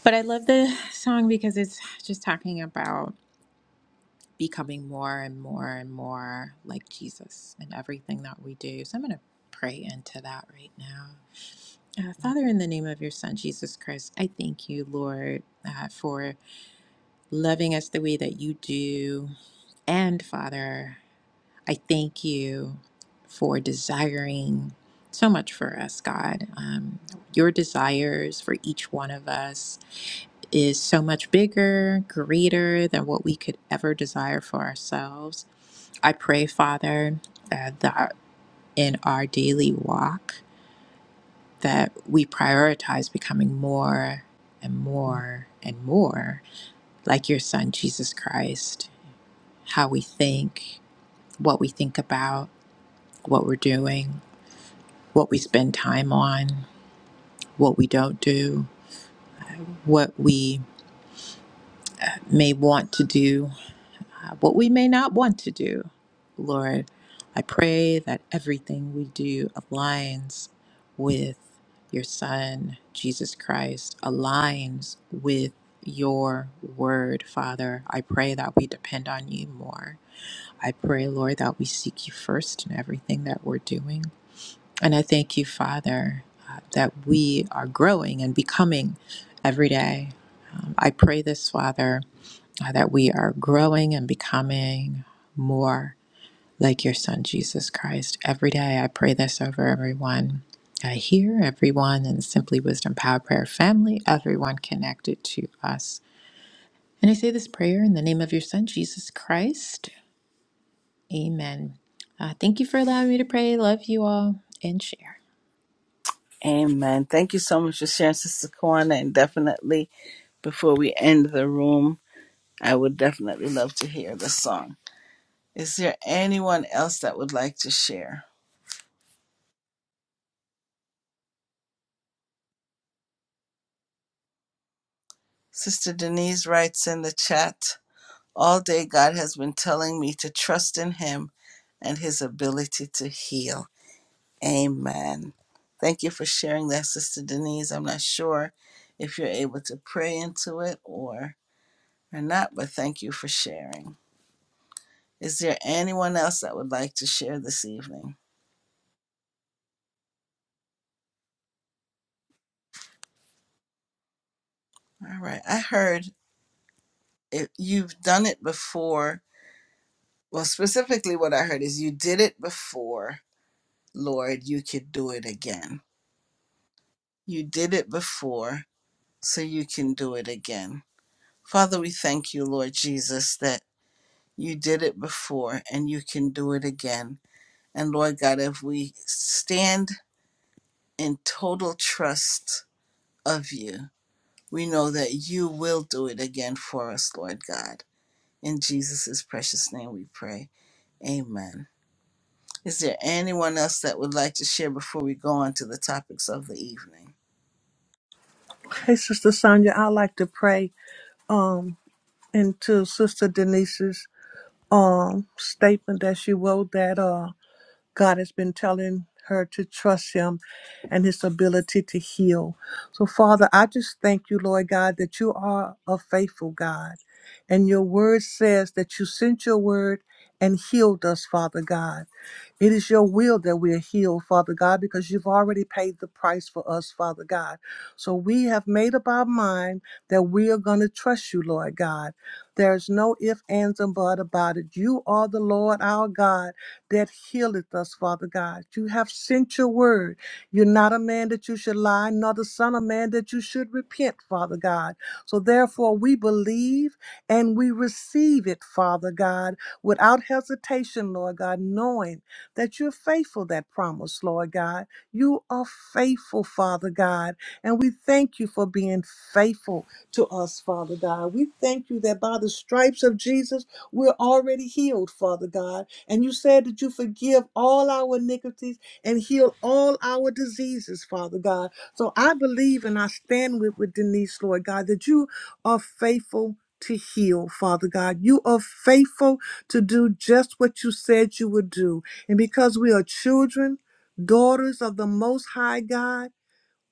[SPEAKER 7] But I love the song because it's just talking about. becoming more and more and more like Jesus in everything that we do. So I'm going to pray into that right now. Uh, Father, in the name of your Son, Jesus Christ, I thank you, Lord, uh, for loving us the way that you do. And Father, I thank you for desiring so much for us, God. Um, your desires for each one of us is so much bigger, greater than what we could ever desire for ourselves. I pray, Father, uh, that in our daily walk that we prioritize becoming more and more and more like your son Jesus Christ. How we think, what we think about, what we're doing, what we spend time on, what we don't do, what we may want to do uh, what we may not want to do. Lord, I pray that everything we do aligns with your Son, Jesus Christ, aligns with your word, Father. I pray that we depend on you more. I pray, Lord, that we seek you first in everything that we're doing. And I thank you, Father, uh, that we are growing and becoming every day. Um, I pray this, Father uh, that we are growing and becoming more like your son, Jesus Christ. Every day, I pray this over everyone. I hear everyone in the Simply Wisdom Power Prayer family, everyone connected to us. And I say this prayer in the name of your son, Jesus Christ. Amen. Uh, thank you for allowing me to pray. Love you all and share.
[SPEAKER 1] Amen. Thank you so much for sharing, Sister Kwana. And definitely, before we end the room, I would definitely love to hear this song. Is there anyone else that would like to share? Sister Denise writes in the chat All day, God has been telling me to trust in Him and His ability to heal. Amen. Thank you for sharing that, Sister Denise. I'm not sure if you're able to pray into it or, or not, but thank you for sharing. Is there anyone else that would like to share this evening? All right. I heard it, you've done it before Well, specifically, what I heard is you did it before, Lord, you could do it again. You did it before, so you can do it again. Father, we thank you, Lord Jesus, that you did it before and you can do it again. And Lord God, if we stand in total trust of you, we know that you will do it again for us, Lord God. In Jesus' precious name we pray. Amen. Is there anyone else that would like to share before we go on to the topics of the evening?
[SPEAKER 6] Sister Sonia, I like to pray um into Sister Denise's um statement that she wrote that. uh God has been telling her to trust him and his ability to heal. So, Father, I just thank you, Lord God, that you are a faithful God. And your word says that you sent your word and healed us, Father God. It is your will that we are healed, Father God, because you've already paid the price for us, Father God. So we have made up our mind that we are going to trust you, Lord God. There's no if, ands, and but about it. You are the Lord our God that healeth us, Father God. You have sent your word. You're not a man that you should lie, nor the son of man that you should repent, Father God. So therefore, we believe and we receive it, Father God, without hesitation, Lord God, knowing that you're faithful, that promise, Lord God. You are faithful, Father God. And we thank you for being faithful to us, Father God. We thank you that by the stripes of Jesus, we're already healed, Father God. And you said that you forgive all our iniquities and heal all our diseases, Father God. So I believe and I stand with, with Denise, Lord God, that you are faithful to heal, Father God. You are faithful to do just what you said you would do. And because we are children, daughters of the Most High God,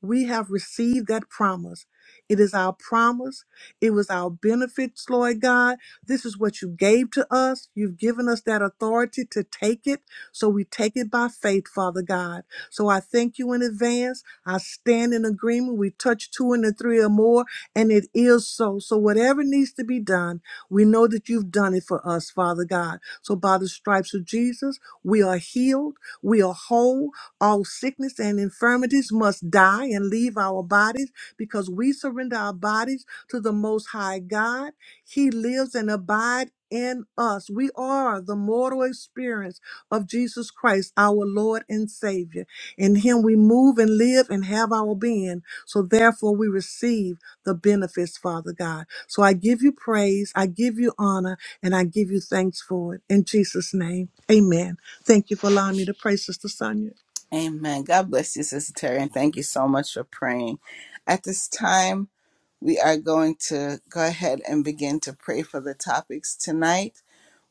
[SPEAKER 6] we have received that promise. It is our promise. It was our benefits, Lord God. This is what you gave to us. You've given us that authority to take it. So we take it by faith, Father God. So I thank you in advance. I stand in agreement. We touch two and the three or more, and it is so. So whatever needs to be done, we know that you've done it for us, Father God. So by the stripes of Jesus, we are healed. We are whole. All sickness and infirmities must die and leave our bodies because we surrender our bodies to the Most High God. He lives and abides in us. We are the mortal experience of Jesus Christ, our Lord and Savior. In Him we move and live and have our being. So therefore we receive the benefits, Father God. So I give you praise, I give you honor, and I give you thanks for it. In Jesus' name, amen. Thank you for allowing me to pray, Sister Sonia.
[SPEAKER 1] Amen. God bless you, Sister Terry, and thank you so much for praying. At this time, We are going to go ahead and begin to pray for the topics tonight.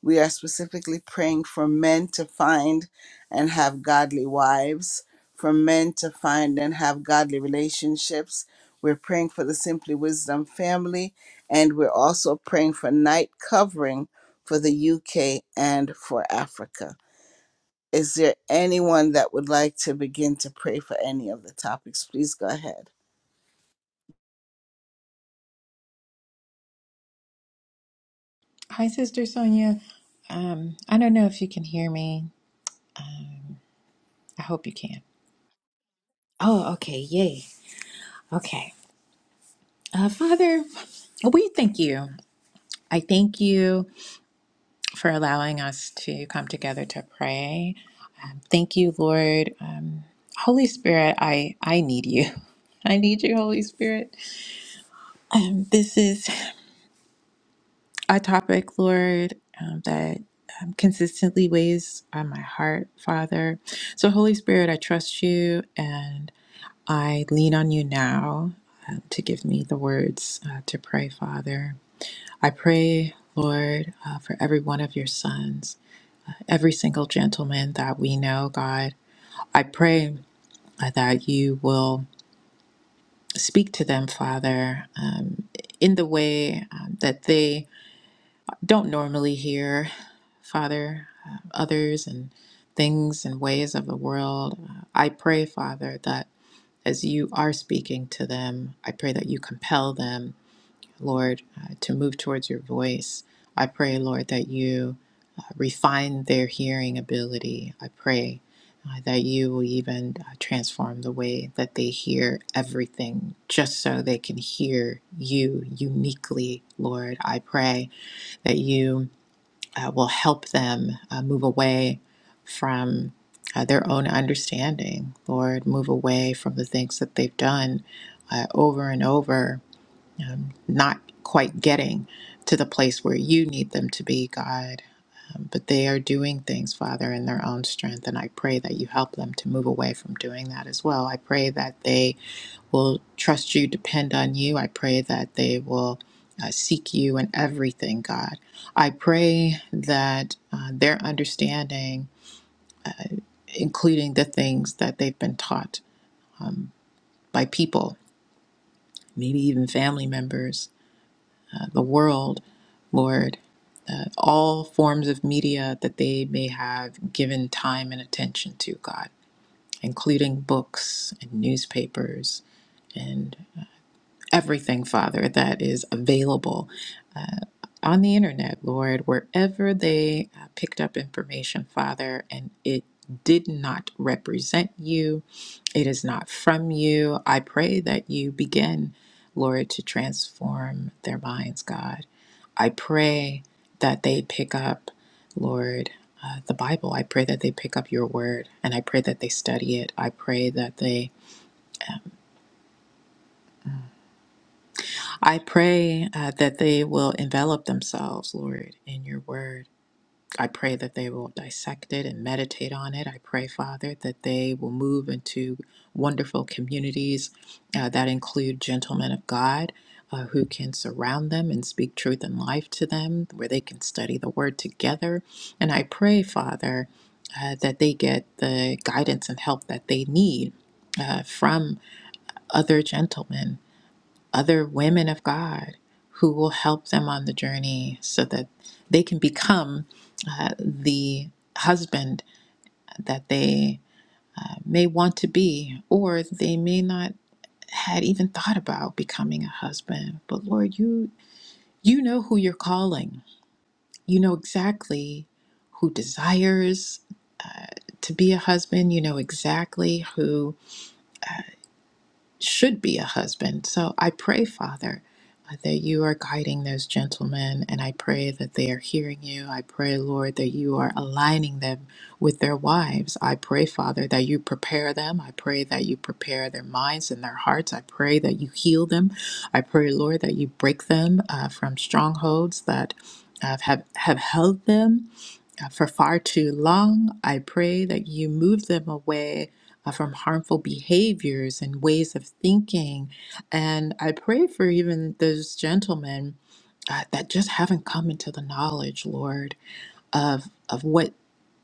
[SPEAKER 1] We are specifically praying for men to find and have godly wives, for men to find and have godly relationships. We're praying for the Simply Wisdom family, and we're also praying for night covering for the UK and for Africa. Is there anyone that would like to begin to pray for any of the topics? Please go ahead.
[SPEAKER 7] Hi, Sister Sonia. Um, I don't know if you can hear me. Um, I hope you can. Oh, okay. Yay. Okay. Uh, Father, we thank you. I thank you for allowing us to come together to pray. Um, Thank you, Lord. Um, Holy Spirit, I, I need you. (laughs) I need you, Holy Spirit. Um, this is a topic, Lord, um, that um, consistently weighs on my heart, Father. So, Holy Spirit, I trust you and I lean on you now um, to give me the words uh, to pray, Father. I pray, Lord, uh, for every one of your sons, every single gentleman that we know, God. I pray uh, that you will speak to them, Father, um, in the way um, that they don't normally hear, Father, uh, others and things and ways of the world. Uh, I pray, Father, that as you are speaking to them, I pray that you compel them, Lord, uh, to move towards your voice. I pray, Lord, that you refine their hearing ability. I pray uh, that you will even uh, transform the way that they hear everything, just so they can hear you uniquely, Lord. I pray that you uh, will help them uh, move away from. Uh, their own understanding, Lord, move away from the things that they've done uh, over and over um, not quite getting to the place where you need them to be, God. Um, but they are doing things, Father, in their own strength. And I pray that you help them to move away from doing that as well. I pray that they will trust you, depend on you. I pray that they will uh, seek you in everything, God. I pray that uh, their understanding, including the things that they've been taught by people, maybe even family members, uh, the world, Lord. all forms of media that they may have given time and attention to, God, including books and newspapers and everything, Father, that is available on the internet, Lord, wherever they uh, picked up information, Father, and it did not represent you, it is not from you. I pray that you begin, Lord, to transform their minds, God. I pray that they pick up, Lord, uh, the Bible. I pray that they pick up your word and I pray that they study it. I pray that they I pray uh, that they will envelop themselves, Lord, in your word. I pray that they will dissect it and meditate on it. I pray, Father, that they will move into wonderful communities uh, that include gentlemen of God uh, who can surround them and speak truth and life to them, where they can study the word together. And I pray, Father, uh, that they get the guidance and help that they need uh, from other gentlemen other women of God who will help them on the journey so that they can become uh, the husband that they uh, may want to be or they may not had even thought about becoming a husband but lord you you know who you're calling you know exactly who desires to be a husband you know exactly who should be a husband. So I pray, Father, uh, that you are guiding those gentlemen, and I pray that they are hearing you. I pray, Lord, that you are aligning them with their wives. I pray, Father, that you prepare them. I pray that you prepare their minds and their hearts. I pray that you heal them. I pray, Lord, that you break them uh, from strongholds that. Have, have have held them uh, For far too long, I pray that you move them away uh, from harmful behaviors and ways of thinking. And I pray for even those gentlemen uh, that just haven't come into the knowledge, Lord, of, of what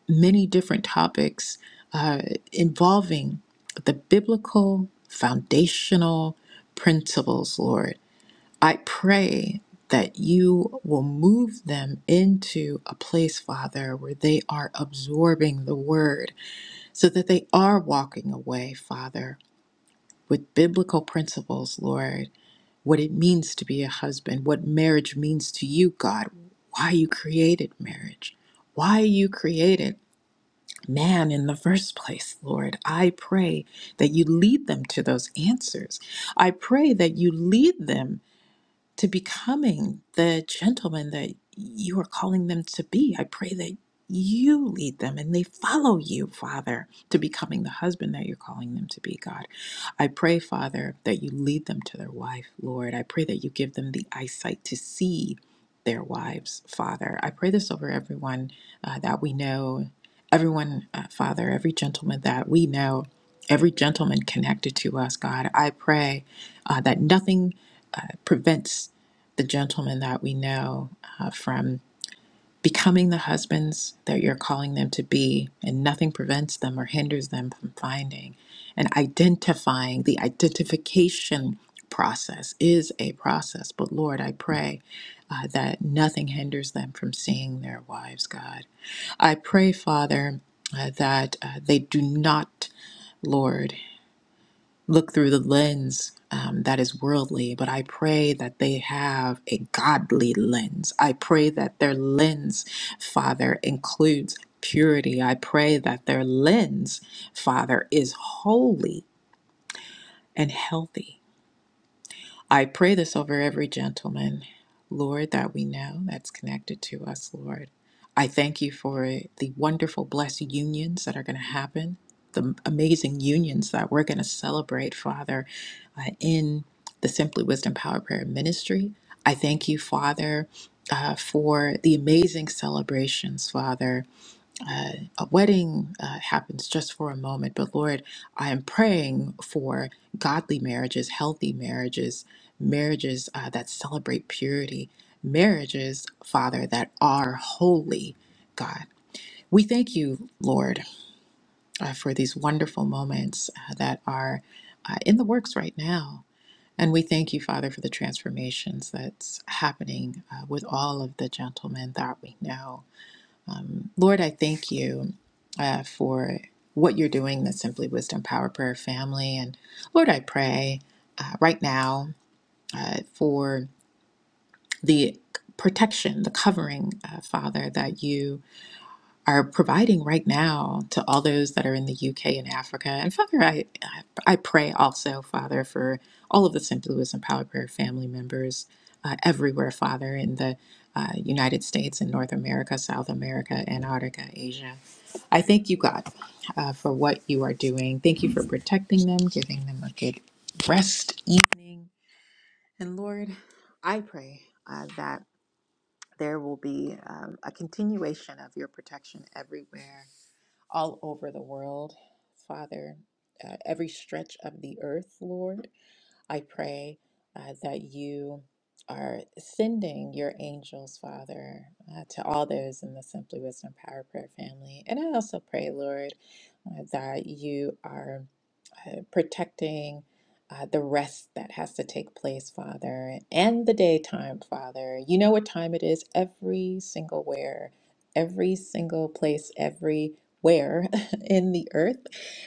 [SPEAKER 7] many different topics uh, involving the biblical foundational principles, Lord. I pray that you will move them into a place, Father, where they are absorbing the word so that they are walking away, Father, with biblical principles, Lord, what it means to be a husband, what marriage means to you, God, why you created marriage, why you created man in the first place, Lord. I pray that you lead them to those answers. I pray that you lead them to becoming the gentleman that you are calling them to be. I pray that you lead them and they follow you, Father, to becoming the husband that you're calling them to be, God. I pray, Father, that you lead them to their wife, Lord. I pray that you give them the eyesight to see their wives, Father. I pray this over everyone uh, that we know, everyone, uh, Father, every gentleman that we know, every gentleman connected to us, God. I pray uh, that nothing uh, prevents the gentlemen that we know uh, from becoming the husbands that you're calling them to be, and nothing prevents them or hinders them from finding and identifying. The identification process is a process, but Lord, I pray uh, that nothing hinders them from seeing their wives, God. I pray, Father, uh, that uh, they do not. Lord look through the lens um, that is worldly, but I pray that they have a godly lens. I pray that their lens, Father, includes purity. I pray that their lens, Father, is holy and healthy. I pray this over every gentleman, Lord, that we know that's connected to us, Lord. I thank you for the wonderful, blessed unions that are going to happen, the amazing unions that we're going to celebrate, Father, uh, in the Simply Wisdom Power Prayer Ministry. I thank you, Father, uh, for the amazing celebrations, Father, uh, a wedding uh, happens just for a moment, but Lord, I am praying for godly marriages, healthy marriages, marriages uh, that celebrate purity, marriages, Father, that are holy, God. We thank you, Lord, uh, for these wonderful moments uh, that are uh, in the works right now. And we thank you, Father, for the transformations that's happening uh, with all of the gentlemen that we know. Lord, I thank you uh, for what you're doing, the Simply Wisdom Power Prayer family. And Lord, I pray uh, right now uh, for the protection, the covering, uh, Father, that you are providing right now to all those that are in the UK and Africa. And Father, I I pray also, Father, for all of the Simply Wisdom Power Prayer family members uh, everywhere, Father, in the uh, United States and North America, South America, Antarctica, Asia. I thank you, God, uh, for what you are doing. Thank you for protecting them, giving them a good rest evening. And Lord, I pray uh, that there will be um, a continuation of your protection everywhere all over the world, Father, uh, every stretch of the earth, Lord. I pray uh, that you are sending your angels, Father, uh, to all those in the Simply Wisdom Power Prayer family. And I also pray, Lord, uh, that you are uh, protecting uh, the rest that has to take place, Father, and the daytime, Father. You know what time it is every single where, every single place, everywhere (laughs) in the earth.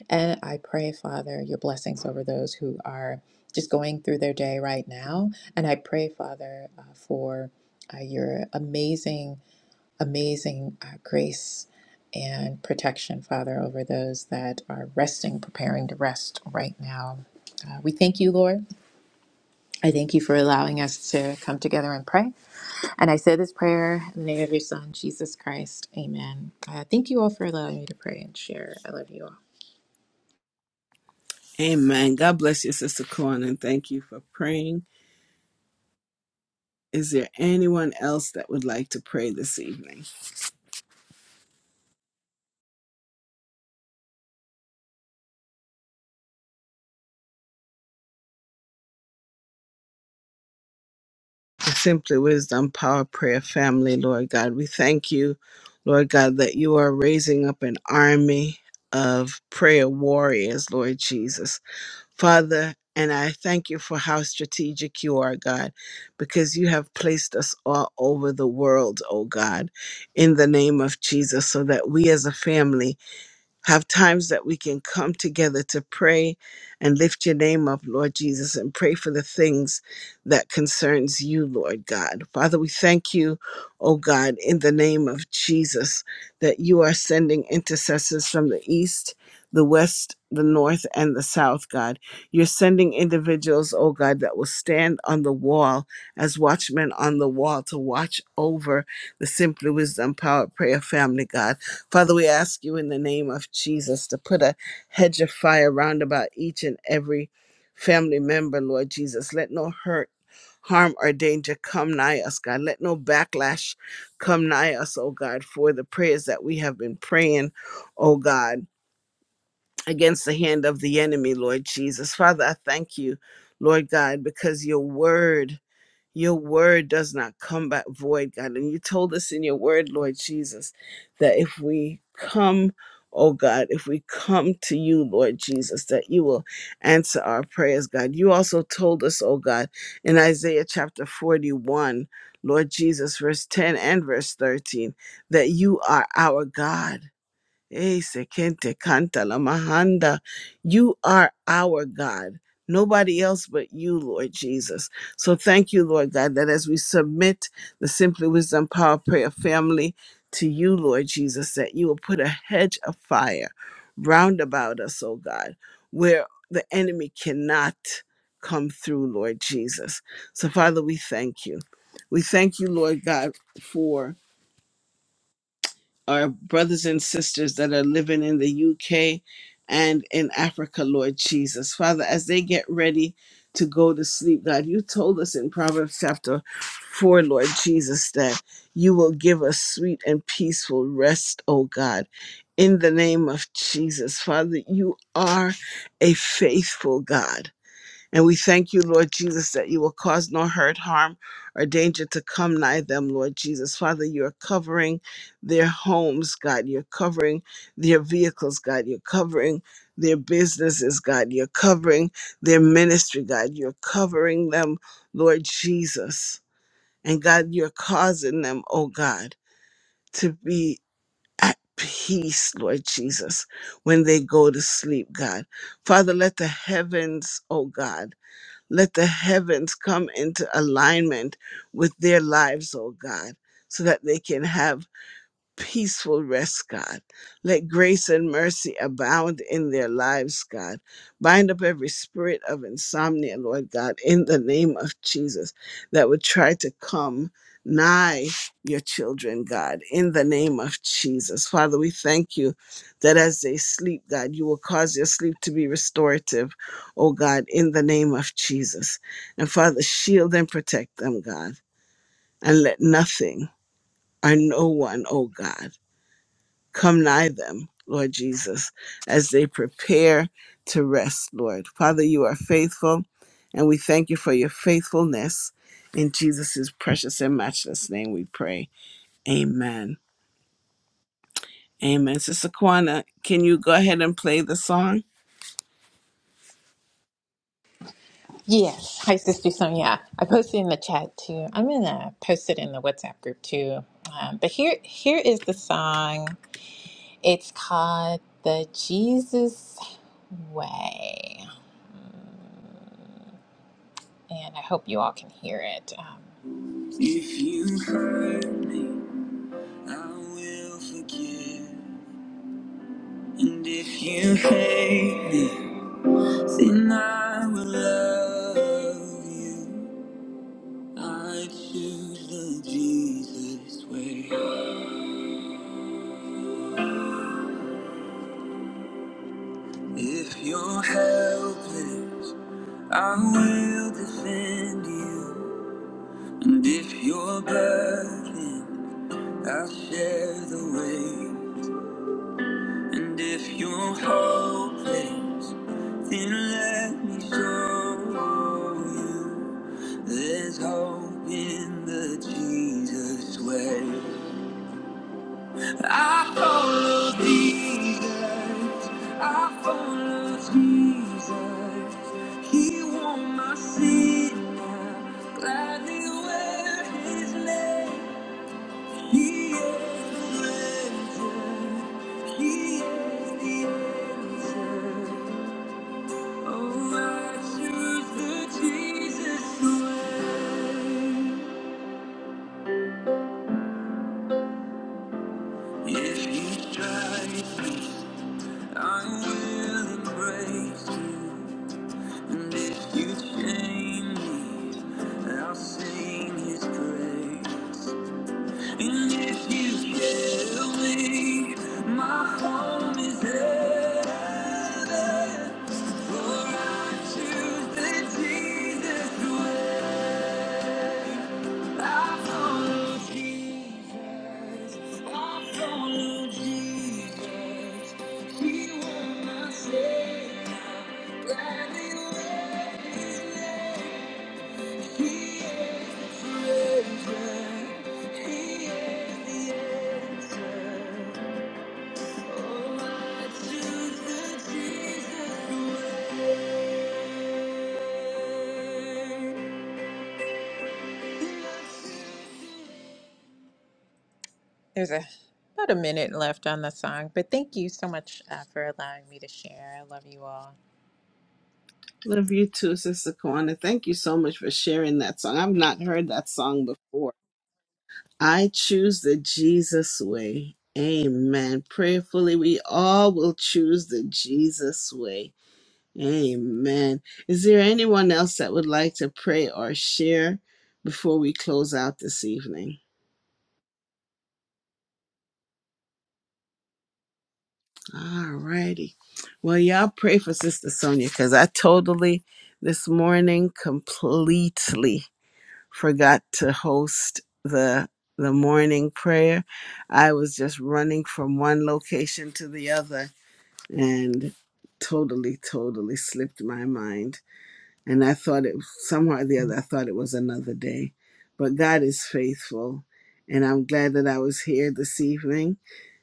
[SPEAKER 7] And I pray, Father, your blessings over those who are just going through their day right now. And I pray, Father, uh, for uh, your amazing amazing uh, grace and protection, Father, over those that are resting, preparing to rest right now. Uh, we thank you, Lord. I thank you for allowing us to come together and pray. And I say this prayer in the name of your Son, Jesus Christ. Amen. Uh, thank you all for allowing me to pray and share. I love you all.
[SPEAKER 1] Amen. God bless you, Sister Corn, and thank you for praying. Is there anyone else that would like to pray this evening? The Simply Wisdom Power Prayer family, Lord God, we thank you, Lord God, that you are raising up an army of prayer warriors, Lord Jesus. Father, and I thank you for how strategic you are, God, because you have placed us all over the world, oh God, in the name of Jesus, so that we as a family have times that we can come together to pray and lift your name up lord jesus and pray for the things that concerns you lord god father we thank you oh god in the name of jesus that you are sending intercessors from the east the west the north and the south god you're sending individuals oh god that will stand on the wall as watchmen on the wall to watch over the simply wisdom power prayer family god Father, we ask you in the name of Jesus to put a hedge of fire round about each and every family member, Lord Jesus. Let no hurt, harm, or danger come nigh us, God. Let no backlash come nigh us, oh God, for the prayers that we have been praying, oh God, against the hand of the enemy, Lord Jesus. Father, I thank you, Lord God, because your word. Your word does not come back void, God. And you told us in your word, Lord Jesus, that if we come, oh God, if we come to you, Lord Jesus, that you will answer our prayers, God. You also told us, oh God, in Isaiah chapter 41, Lord Jesus, verse 10 and verse 13, that you are our God Eh, sekente kanta la mahanda. You are our God. Nobody else but you, Lord Jesus. So thank you, Lord God, that as we submit the Simply Wisdom Power Prayer family to you, Lord Jesus, that you will put a hedge of fire round about us, oh God, where the enemy cannot come through, Lord Jesus. So, Father, we thank you. We thank you, Lord God, for our brothers and sisters that are living in the UK and in Africa, Lord Jesus. Father, as they get ready to go to sleep, God, you told us in Proverbs chapter 4, Lord Jesus, that you will give us sweet and peaceful rest, oh God. In the name of Jesus, Father, you are a faithful God. And we thank you, Lord Jesus, that you will cause no hurt, harm, or danger to come nigh them, Lord Jesus. Father, you're covering their homes, God. You're covering their vehicles, God. You're covering their businesses, God. You're covering their ministry, God. You're covering them, Lord Jesus. And God, you're causing them, oh God, to be at peace, Lord Jesus, when they go to sleep, God. Father, let the heavens, oh God, let the heavens come into alignment with their lives, oh God, so that they can have peaceful rest, God. Let grace and mercy abound in their lives, God. Bind up every spirit of insomnia, Lord God, in the name of Jesus, that would try to come nigh your children, God, in the name of Jesus. Father, we thank you that as they sleep, God, you will cause their sleep to be restorative, oh God, in the name of Jesus. And Father, shield and protect them, God, and let nothing or no one, oh God, Come nigh them, Lord Jesus, as they prepare to rest, Lord. Father, you are faithful, and we thank you for your faithfulness. In Jesus' precious and matchless name we pray. Amen. Amen. Sister Kwana, can you go ahead and play the song?
[SPEAKER 7] Yes. Hi, Sister Sonia. I posted in the chat too. I'm going to post it in the WhatsApp group too. Um, but here, here is the song. It's called The Jesus Way. And I hope you all can hear it. Um, if you hurt me, I will forgive. And if you hate me, then I will love you. I choose the Jesus way. If you're helpless, I will defend you. And if you're burdened, I'll share the weight. And if you're hopeless, then let me show you there's hope in the Jesus way. I follow Jesus. I follow Jesus. He won my sin. I gladly wear his name. He is the He is the answer. Oh, I choose the Jesus way. If He strikes me, I will embrace you. And if you chain me, I'll sing His praise. And if you tell me my home is heaven, for I choose the Jesus way. I follow Jesus. I follow Jesus. He was my Savior. Gladly will His name. Oh, There's a about a minute left on the song, but thank you so much uh, for allowing me to share. I love you all.
[SPEAKER 1] Love you too, Sister Kwana. Thank you so much for sharing that song. I've not heard that song before. I choose the Jesus way. Amen. Prayerfully, we all will choose the Jesus way Amen. Is there anyone else that would like to pray or share before we close out this evening? All righty. Well, y'all pray for Sister Sonia because I totally this morning completely forgot to host the the morning prayer. I was just running from one location to the other and totally, totally slipped my mind. And I thought it, somehow or the other, I thought it was another day. But God is faithful. And I'm glad that I was here this evening.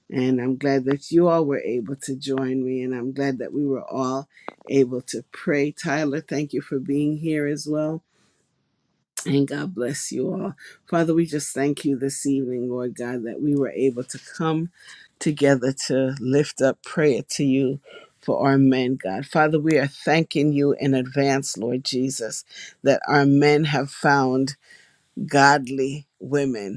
[SPEAKER 1] And I'm glad that you all were able to join me. And I'm glad that we were all able to pray. Tyler, thank you for being here as well. And God bless you all. Father, we just thank you this evening, Lord God, that we were able to come together to lift up prayer to you for our men, God. Father, we are thanking you in advance, Lord Jesus, that our men have found godly women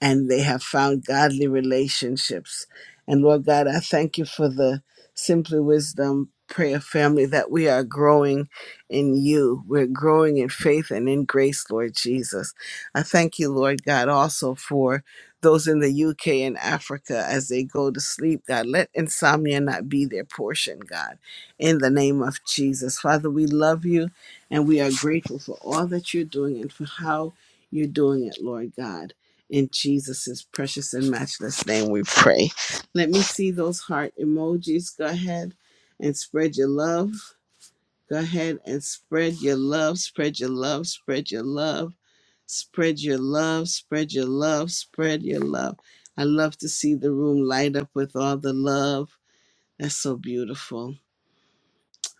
[SPEAKER 1] and they have found godly relationships. And Lord God, I thank you for the Simply Wisdom prayer family that we are growing in you. We're growing in faith and in grace, Lord Jesus. I thank you, Lord God, also for those in the UK and Africa as they go to sleep, God. Let insomnia not be their portion, God, in the name of Jesus. Father, we love you and we are grateful for all that you're doing and for how you're doing it, Lord God. In Jesus' precious and matchless name we pray. Let me see those heart emojis. Go ahead and spread your love. Go ahead and spread your love, spread your love, spread your love, spread your love, spread your love, spread your love. I love to see the room light up with all the love. That's so beautiful.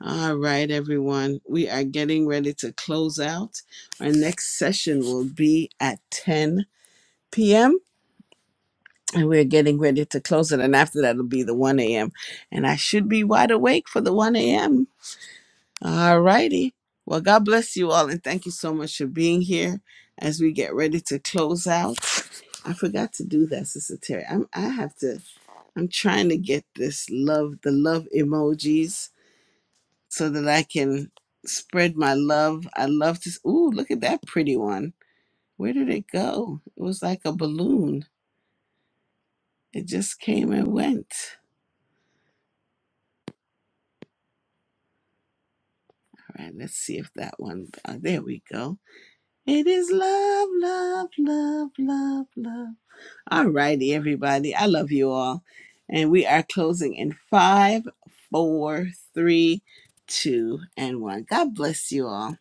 [SPEAKER 1] All right, everyone. We are getting ready to close out. Our next session will be at 10 p.m. and we're getting ready to close it. And after that, it'll be the 1 a.m. And I should be wide awake for the 1 a.m. All righty. Well, God bless you all. And thank you so much for being here as we get ready to close out. I forgot to do that, Sister Terry. I'm, I have to, I'm trying to get this love, the love emojis so that I can spread my love. I love this. Ooh, look at that pretty one. Where did it go? It was like a balloon. It just came and went. All right, let's see if that one. Uh, there we go. It is love, love, love, love, love. All righty, everybody. I love you all. And we are closing in five, four, three, two, and one. God bless you all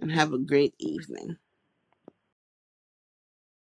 [SPEAKER 1] and have a great evening.